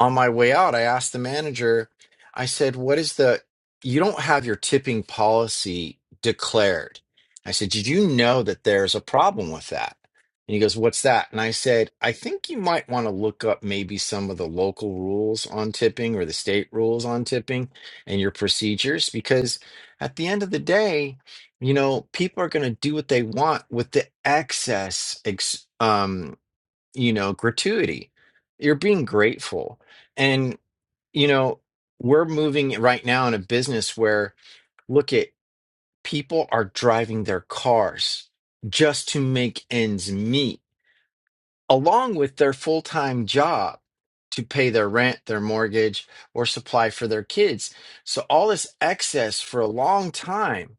C: on my way out, I asked the manager, I said, What is the, you don't have your tipping policy declared. I said, Did you know that there's a problem with that? And he goes, What's that? And I said, I think you might want to look up maybe some of the local rules on tipping or the state rules on tipping and your procedures, because at the end of the day, you know, people are going to do what they want with the excess ex- um, you know, gratuity. You're being grateful. And, you know, we're moving right now in a business where, look at people are driving their cars just to make ends meet, along with their full time job to pay their rent, their mortgage, or supply for their kids. So all this excess for a long time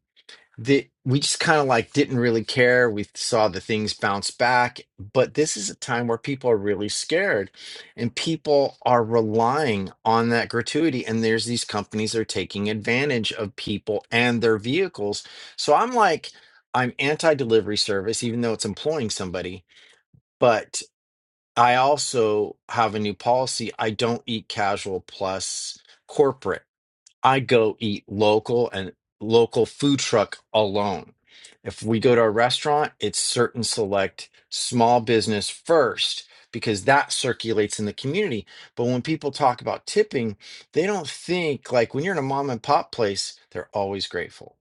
C: that we just kind of like didn't really care. We saw the things bounce back, but this is a time where people are really scared and people are relying on that gratuity. And there's these companies that are taking advantage of people and their vehicles. So I'm like, I'm anti delivery service, even though it's employing somebody, but I also have a new policy. I don't eat casual plus corporate. I go eat local and local food truck alone. If we go to a restaurant, it's certain select small business first because that circulates in the community. But when people talk about tipping, they don't think like when you're in a mom and pop place, they're always grateful.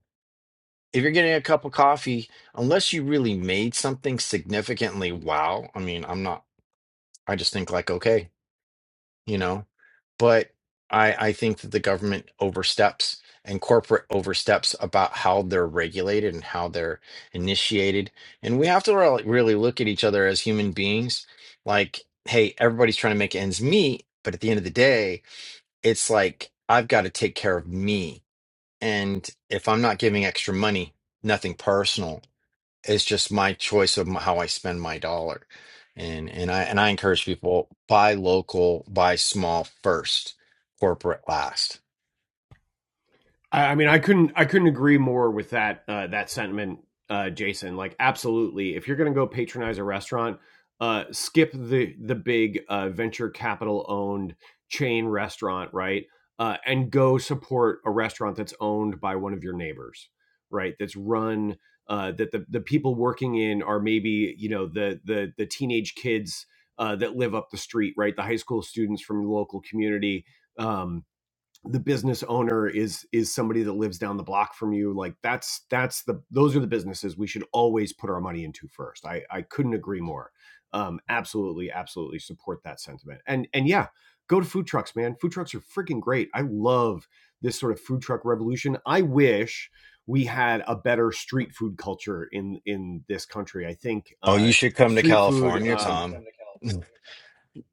C: If you're getting a cup of coffee, unless you really made something significantly wow, I mean, I'm not, I just think like, okay, you know but i i think that the government oversteps and corporate oversteps about how they're regulated and how they're initiated and we have to re- really look at each other as human beings like hey everybody's trying to make ends meet but at the end of the day it's like i've got to take care of me and if i'm not giving extra money nothing personal it's just my choice of m- how I spend my dollar. And and I and I encourage people buy local, buy small first, corporate last.
B: I, mean, I couldn't I couldn't agree more with that uh, that sentiment, uh, Jason. Like, absolutely, if you're going to go patronize a restaurant, uh, skip the the big uh, venture capital owned chain restaurant, right? Uh, and go support a restaurant that's owned by one of your neighbors, right? That's run uh, that the the people working in are maybe you know the the the teenage kids uh, that live up the street, right? The high school students from the local community. Um, the business owner is is somebody that lives down the block from you like that's that's the those are the businesses we should always put our money into first i i couldn't agree more um absolutely absolutely support that sentiment and and yeah go to food trucks man food trucks are freaking great i love this sort of food truck revolution i wish we had a better street food culture in in this country i think
C: Oh, you
B: uh
C: should come to
B: street food
C: California,
B: Well, um you should
C: Tom.
B: come to California.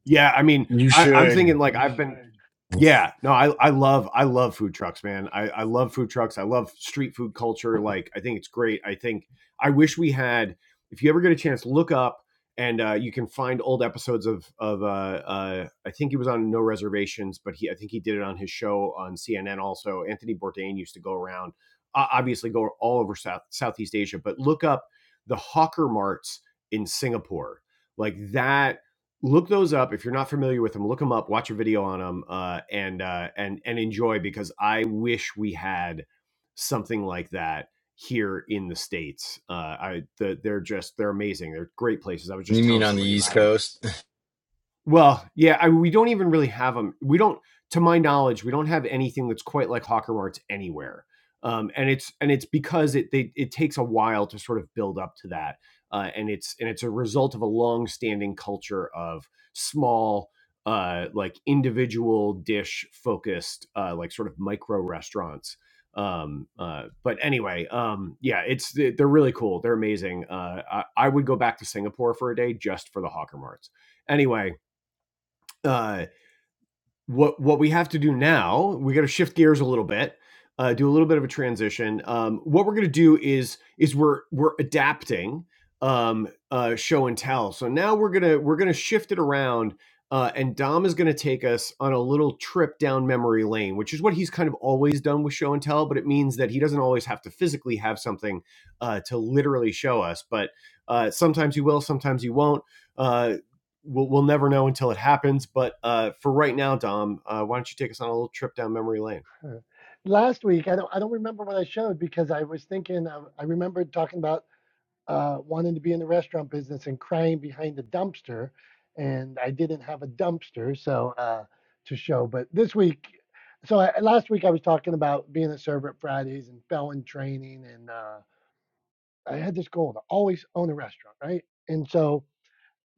B: Yeah, I mean,
C: You
B: I, I'm thinking
C: should.
B: like I've been
C: You
B: yeah, no, I, I love I love food trucks, man. I, I love food trucks. I love street food culture. Like I think it's great. I think I wish we had. If you ever get a chance, look up and uh, you can find old episodes of of uh, uh, I think he was on No Reservations, but he I think he did it on his show on CNN. Also, Anthony Bourdain used to go around, uh, obviously go all over South Southeast Asia, but look up the hawker marts in Singapore. Like that look those up if you're not familiar with them look them up watch a video on them uh, and uh, and and enjoy because i wish we had something like that here in the states uh, i the, they're just they're amazing they're great places i was just
C: mean
B: telling
C: on the
B: somebody
C: East
B: about them
C: Coast?
B: well, yeah, I, we don't even really have them. We don't, to my knowledge, we don't have anything that's quite like Hawker Arts anywhere. Um, and it's and it's because it they, it takes a while to sort of build up to that, uh, and it's and it's a result of a long-standing culture of small, uh, like individual dish focused, uh, like sort of micro restaurants. Um, uh, but anyway, um, yeah, it's they're really cool. They're amazing. Uh, I, I would go back to Singapore for a day just for the Hawker Marts. Anyway, uh, what what we have to do now, we got to shift gears a little bit, uh, do a little bit of a transition. Um, what we're going to do is is we're we're adapting um, uh, show and tell. So now we're gonna we're gonna shift it around, uh, and Dom is going to take us on a little trip down memory lane, which is what he's kind of always done with show and tell. But it means that he doesn't always have to physically have something uh, to literally show us, but uh, sometimes he will, sometimes he won't. Uh, we'll, we'll never know until it happens. But uh, for right now, Dom, uh, why don't you take us on a little trip down memory lane?
A: Huh. Last week, I don't, I don't remember what I showed because I was thinking. I, I remembered talking about uh, wanting to be in the restaurant business and crying behind the dumpster. And I didn't have a dumpster, so uh, to show. But this week, so I, last week I was talking about being a server at Fridays and felon training, and uh, I had this goal to always own a restaurant, right? And so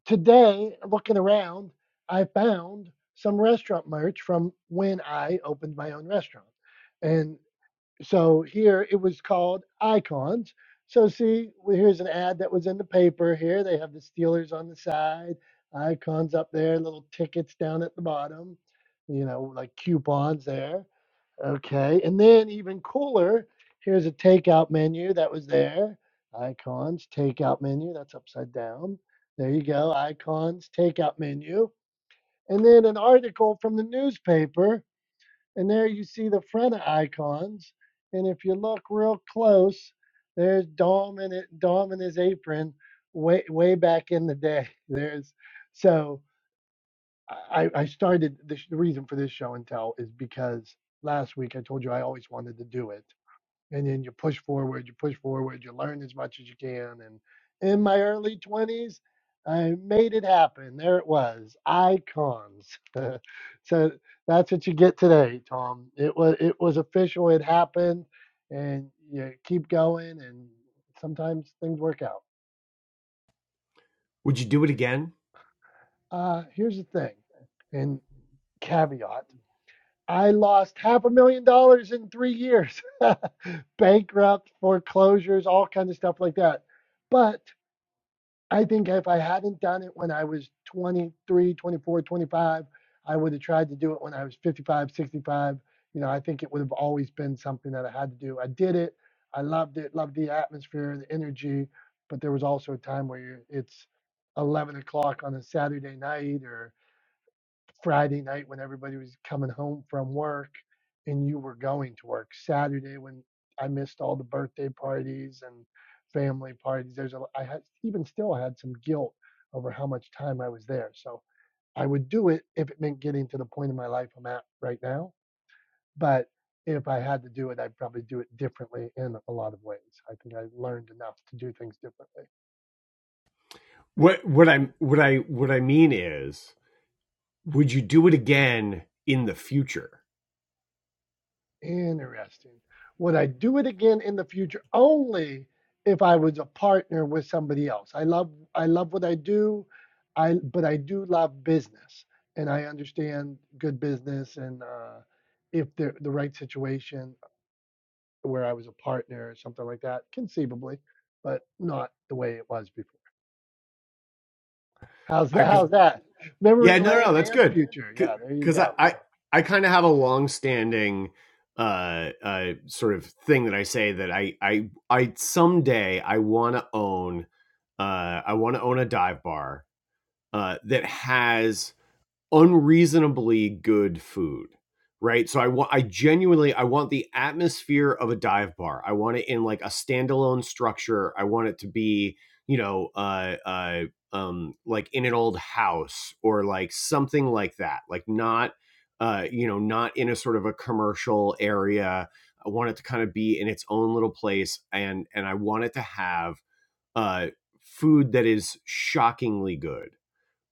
A: today, looking around, I found some restaurant merch from when I opened my own restaurant. and. So here it was called Icons. So see, well, here's an ad that was in the paper here. They have the Steelers on the side, icons up there, little tickets down at the bottom, you know, like coupons there. Okay. And then even cooler, here's a takeout menu that was there. Icons, takeout menu, that's upside down. There you go, icons, takeout menu. And then an article from the newspaper and there you see the front icons. And if you look real close, there's Dom and it, Dom and his apron way way back in the day. There's so I, I started the, the reason for this show and tell is because last week I told you I always wanted to do it and then you push forward, you push forward, you learn as much as you can. And in my early 20s, I made it happen. There it was, icons. so that's what you get today, Tom. It was it was official. It happened, and you keep going, and sometimes things work out.
B: Would you do it again?
A: Uh, here's the thing, and caveat. I lost half a million dollars in three years, bankrupt, foreclosures, all kinds of stuff like that. But I think if I hadn't done it when I was 23, 24, 25, I would have tried to do it when I was 55, 65. You know, I think it would have always been something that I had to do. I did it. I loved it. Loved the atmosphere, the energy. But there was also a time where you're, it's 11 o'clock on a Saturday night or Friday night when everybody was coming home from work and you were going to work. Saturday when I missed all the birthday parties and family parties. There's a I had even still I had some guilt over how much time I was there. So I would do it if it meant getting to the point in my life I'm at right now. But if I had to do it, I'd probably do it differently in a lot of ways. I think I learned enough to do things differently.
B: What what I what I what I mean is, would you do it again in the future?
A: Interesting. Would I do it again in the future? Only if I was a partner with somebody else. I love I love what I do. I but I do love business and I understand good business and uh, if the the right situation where I was a partner or something like that, conceivably, but not the way it was before. How's
B: I,
A: that?
B: cause,
A: How's that? Memory
B: yeah, no, no, no,
A: lane
B: that's
A: and
B: good.
A: future. Yeah, there you
B: Because
A: go.
B: I I, I kind of have a long-standing uh, uh, sort of thing that I say that I I I someday I want to own uh, I want to own a dive bar uh, that has unreasonably good food right so i want i genuinely i want the atmosphere of a dive bar i want it in like a standalone structure i want it to be you know uh uh um like in an old house or like something like that like not uh you know not in a sort of a commercial area i want it to kind of be in its own little place and and i want it to have uh food that is shockingly good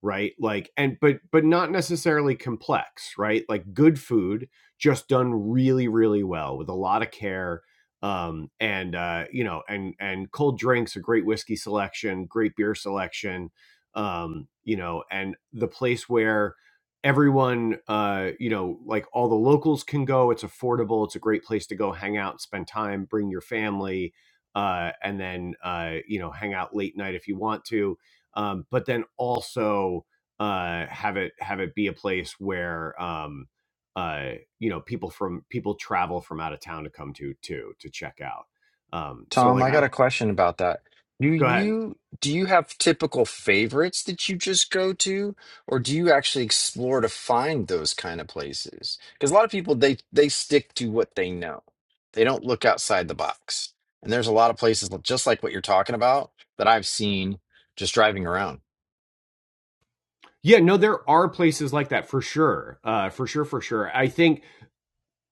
B: right like and but but not necessarily complex right like good food just done really really well with a lot of care um and uh you know and and cold drinks a great whiskey selection great beer selection um you know and the place where everyone uh you know like all the locals can go it's affordable it's a great place to go hang out spend time bring your family uh and then uh you know hang out late night if you want to um, but then also uh, have it have it be a place where um, uh, you know people from people travel from out of town to come to too to check out. Um, so
C: Tom,
B: like
C: I got
B: I
C: a question about that. Do
B: go ahead.
C: you do you have typical favorites that you just go to, or do you actually explore to find those kind of places? Because a lot of people they they stick to what they know. They don't look outside the box. And there's a lot of places li- just like what you're talking about that I've seen just driving around.
B: Yeah, no, there are places like that for sure, uh, for sure, for sure. I think,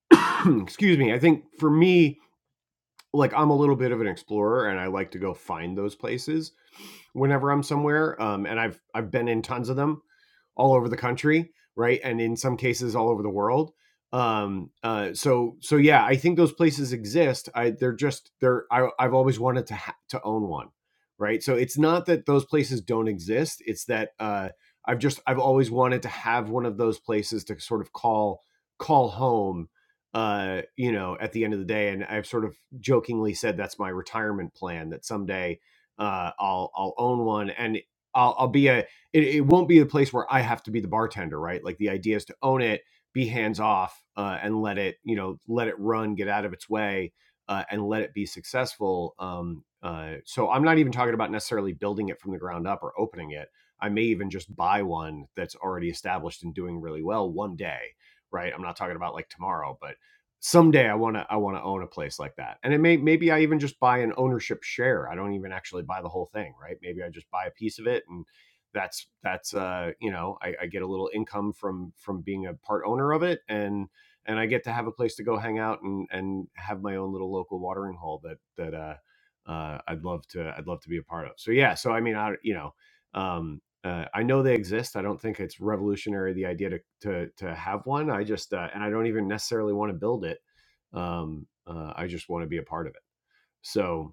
B: excuse me, I think for me, like I'm a little bit of an explorer, and I like to go find those places whenever I'm somewhere. Um, and I've I've been in tons of them all over the country, right? And in some cases, all over the world. Um, uh, so, so yeah, I think those places exist. I, they're just, they're, I, I've always wanted to, ha- to own one, right? So it's not that those places don't exist. It's that, uh, I've just, I've always wanted to have one of those places to sort of call, call home, uh, you know, at the end of the day. And I've sort of jokingly said, that's my retirement plan that someday, uh, I'll, I'll own one and I'll, I'll be a, it, it won't be a place where I have to be the bartender, right? Like the idea is to own it, be hands off, uh, and let it, you know, let it run, get out of its way, uh, and let it be successful. Um, uh, so I'm not even talking about necessarily building it from the ground up or opening it. I may even just buy one that's already established and doing really well one day, right? I'm not talking about like tomorrow, but someday I want to I want to own a place like that. And it may maybe I even just buy an ownership share. I don't even actually buy the whole thing, right? Maybe I just buy a piece of it and that's that's uh, you know I, I get a little income from from being a part owner of it, and and I get to have a place to go hang out and and have my own little local watering hole that that uh, uh, I'd love to I'd love to be a part of. So yeah, so I mean I you know um, uh, I know they exist. I don't think it's revolutionary the idea to to to have one. I just uh, and I don't even necessarily want to build it. Um, uh, I just want to be a part of it. So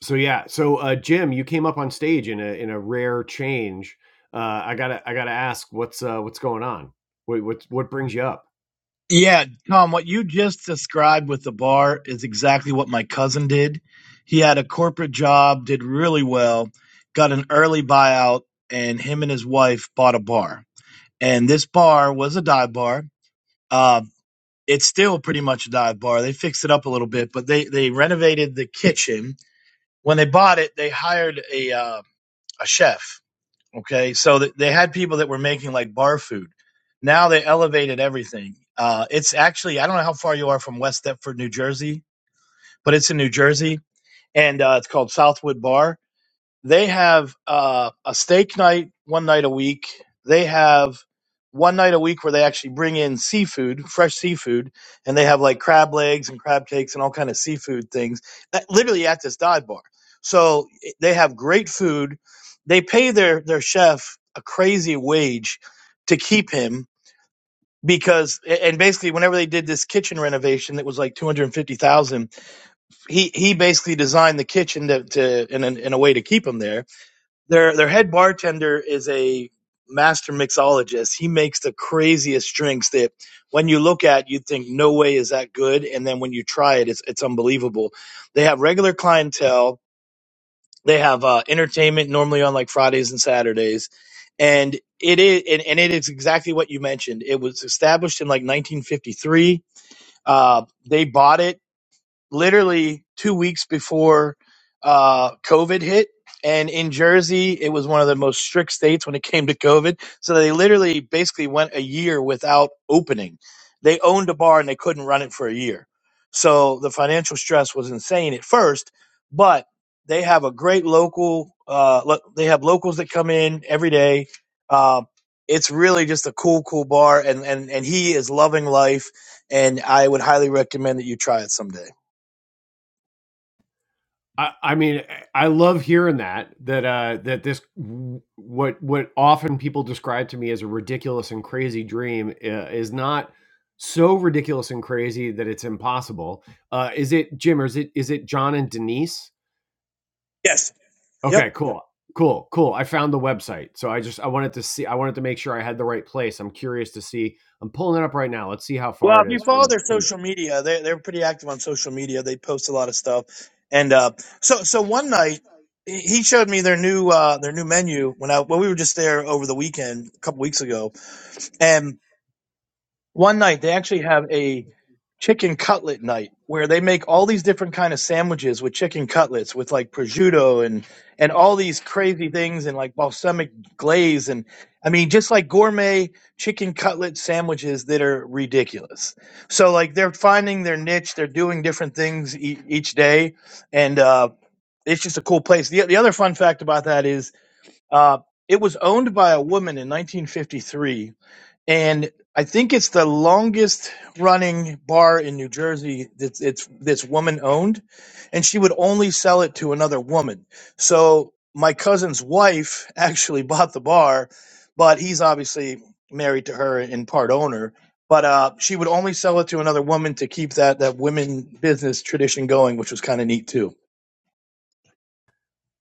B: so yeah, so uh, Jim, you came up on stage in a in a rare change. Uh, I gotta I gotta ask, what's uh, what's going on? What what what brings you up?
D: Yeah, Tom, what you just described with the bar is exactly what my cousin did. He had a corporate job, did really well, got an early buyout, and him and his wife bought a bar. And this bar was a dive bar. Uh, it's still pretty much a dive bar. They fixed it up a little bit, but they, they renovated the kitchen. When they bought it, they hired a uh, a chef Okay, so th- they had people that were making like bar food. Now they elevated everything. Uh, it's actually I don't know how far you are from West Deptford, New Jersey, but it's in New Jersey, and uh, it's called Southwood Bar. They have uh, a steak night one night a week. They have one night a week where they actually bring in seafood, fresh seafood, and they have like crab legs and crab cakes and all kind of seafood things that literally at this dive bar. So i- they have great food. They pay their their chef a crazy wage to keep him because a- and basically whenever they did this kitchen renovation that was like 250,000 he he basically designed the kitchen to, to in, a, in a way to keep him there their their head bartender is a master mixologist. He makes the craziest drinks that when you look at you think no way is that good and then when you try it it's it's unbelievable. They have regular clientele, they have uh, entertainment normally on like Fridays and Saturdays and it is and, and it is exactly what you mentioned. It was established in like 1953. Uh, they bought it literally two weeks before uh, COVID hit. And in Jersey, it was one of the most strict states when it came to COVID. So they literally basically went a year without opening. They owned a bar and they couldn't run it for a year. So the financial stress was insane at first, but they have a great local. Uh, lo- they have locals that come in every day. Uh, it's really just a cool, cool bar, and and and he is loving life. And I would highly recommend that you try it someday.
B: I, I mean, I love hearing that that uh, that this what what often people describe to me as a ridiculous and crazy dream uh, is not so ridiculous and crazy that it's impossible. Uh, is it Jim or is it is it John and Denise?
D: Yes. Yep.
B: Okay, cool. Cool, cool. I found the website. So I just I wanted to see I wanted to make sure I had the right place. I'm curious to see. I'm pulling it up right now. Let's see how
D: Well,
B: far
D: if
B: it
D: you
B: is
D: follow
B: from
D: their
B: from
D: social media, they they're pretty active on social media. They post a lot of stuff. And uh, so so one night he he showed me their new uh, their new menu when I when we were just there over the weekend a couple weeks ago. one night they actually have a chicken cutlet night where they make all these different kind of sandwiches with chicken cutlets with like prosciutto and and all these crazy things and like balsamic glaze and I mean just like gourmet chicken cutlet sandwiches that are ridiculous. So like they're finding their niche, they're doing different things e- each day and uh it's just a cool place. The the other fun fact about that is uh it was owned by a woman in 1953 and I think it's the longest running bar in New Jersey that's it's that's woman owned, and she would only sell it to another woman. So my cousin's wife actually bought the bar, but he's obviously married to her and part owner. But uh, she would only sell it to another woman to keep that that women business tradition going, which was kind of neat too.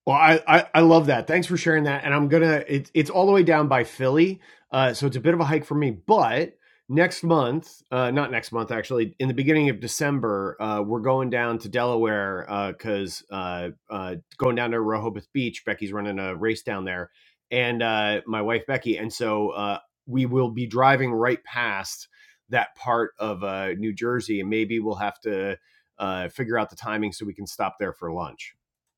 B: Well, I, I I love that. Thanks for sharing that. And I'm gonna it's it's all the way down by Philly, uh, so it's a bit of a hike for me. But next month, uh, not next month actually, in the beginning of December, uh, we're going down to Delaware because uh, uh, uh, going down to Rehoboth Beach. Becky's running a race down there, and uh, my wife Becky, and so uh, we will be driving right past that part of uh, New Jersey, and maybe we'll have to uh, figure out the timing so we can stop there for lunch.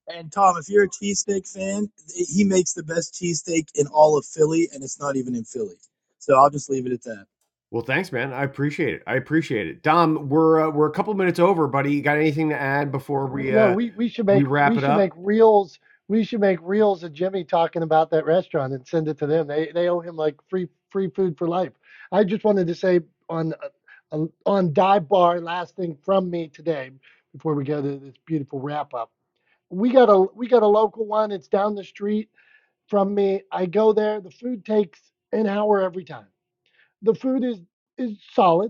D: And Tom, if you're a cheesesteak fan, he makes the best cheesesteak in all of Philly, and it's not even in Philly. So I'll just leave it at that.
B: Well, thanks, man. I appreciate it. I appreciate it. Dom, we're uh, we're a couple minutes over, buddy. You got anything to add before we
A: Yeah,
B: uh
A: we, we should
B: we
A: make
B: wrap
A: we
B: it
A: should
B: up?
A: make reels. We should make reels of Jimmy talking about that restaurant and send it to them. They they owe him like free free food for life. I just wanted to say on uh, on dive bar last thing from me today before we go to this beautiful wrap up. We got a we got a local one. It's down the street from me. I go there. The food takes an hour every time. The food is is solid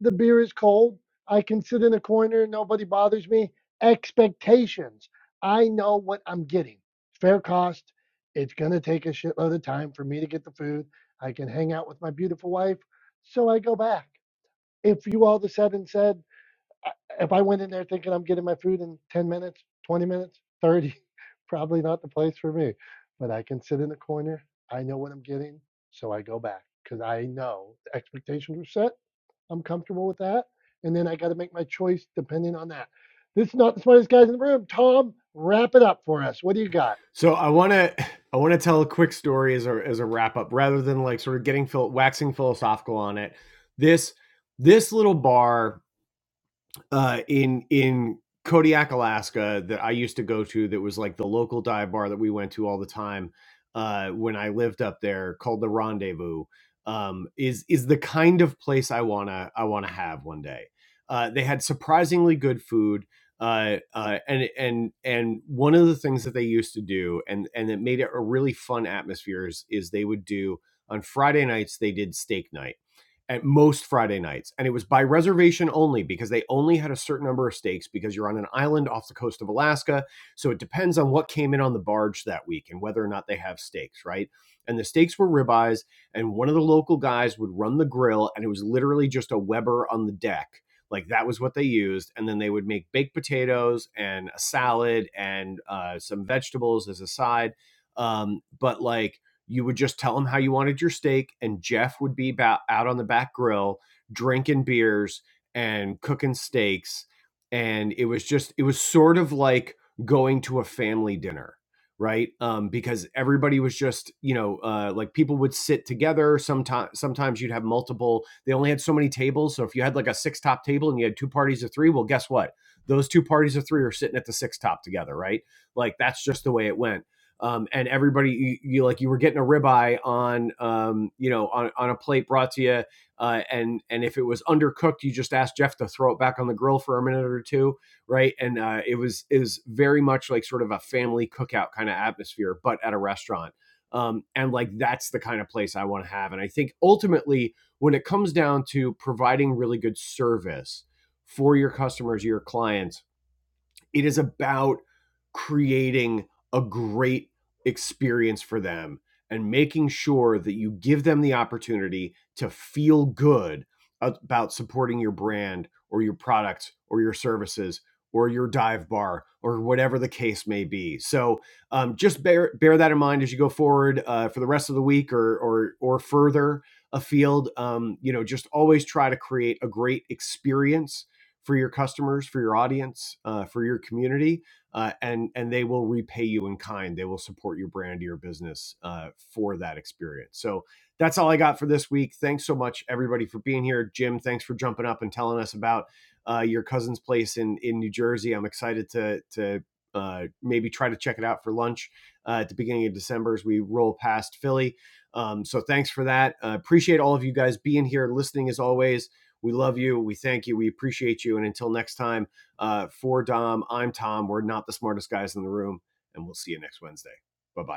A: the beer is cold. I can sit in a corner, nobody bothers me. Expectations. I know what I'm getting. Fair cost. It's going to take a shitload of time for me to get the food. I can hang out with my beautiful wife. So I go back. If you all of a sudden said, if I went in there thinking I'm getting my food in 10 minutes, 20 minutes, 30, probably not the place for me. But I can sit in the corner. I know what I'm getting. So I go back because I know the expectations were set I'm comfortable with that. And then I got to make my choice depending on that. This is not the smartest guys in the room. Tom, wrap it up for us. What do you got?
B: So I want to I want to tell a quick story as a as a wrap up, rather than like sort of getting phil- waxing philosophical on it. This this little bar uh, in in Kodiak, Alaska, that I used to go to, that was like the local dive bar that we went to all the time uh, when I lived up there, called the Rendezvous, um, is is the kind of place I wanna I wanna have one day. Uh, they had surprisingly good food. Uh, uh, and and and one of the things that they used to do, and and that made it a really fun atmosphere, is is they would do on Friday nights they did steak night at most Friday nights. And it was by reservation only because they only had a certain number of steaks because you're on an island off the coast of Alaska. So it depends on what came in on the barge that week and whether or not they have steaks, right? And the steaks were ribeyes. And one of the local guys would run the grill, and it was literally just a Weber on the deck. Like that was what they used. And then they would make baked potatoes and a salad and uh, some vegetables as a side. Um, but like, you would just tell him how you wanted your steak, and Jeff would be about out on the back grill drinking beers and cooking steaks. And it was just, it was sort of like going to a family dinner, right? Um, because everybody was just, you know, uh, like people would sit together. Sometimes, sometimes you'd have multiple. They only had so many tables, so if you had like a six top table and you had two parties of three, well, guess what? Those two parties of three are sitting at the six top together, right? Like that's just the way it went um, and everybody you, you, like you were getting a ribeye on um, you know on, on a plate brought to you uh, and and if it was undercooked you just asked jeff to throw it back on the grill for a minute or two right and uh, it was it was very much like sort of a family cookout kind of atmosphere but at a restaurant um, and like that's the kind of place i want to have and i think ultimately when it comes down to providing really good service for your customers your clients it is about creating a great experience for them and making sure that you give them the opportunity to feel good about supporting your brand or your products or your services or your dive bar or whatever the case may be. So um, just bear bear that in mind as you go forward uh, for the rest of the week or or or further afield. Um, you know, just always try to create a great experience for your customers, for your audience, uh, for your community, uh, and and they will repay you in kind. They will support your brand, your business uh, for that experience. So that's all I got for this week. Thanks so much, everybody, for being here. Jim, thanks for jumping up and telling us about uh, your cousin's place in in New Jersey. I'm excited to to uh, maybe try to check it out for lunch uh, at the beginning of December as we roll past Philly. Um, so thanks for that. Uh, appreciate all of you guys being here, listening as always. We love you. We thank you. We appreciate you. And until next time, uh, for Dom, I'm Tom. We're not the smartest guys in the room, and we'll see you next Wednesday. Bye bye.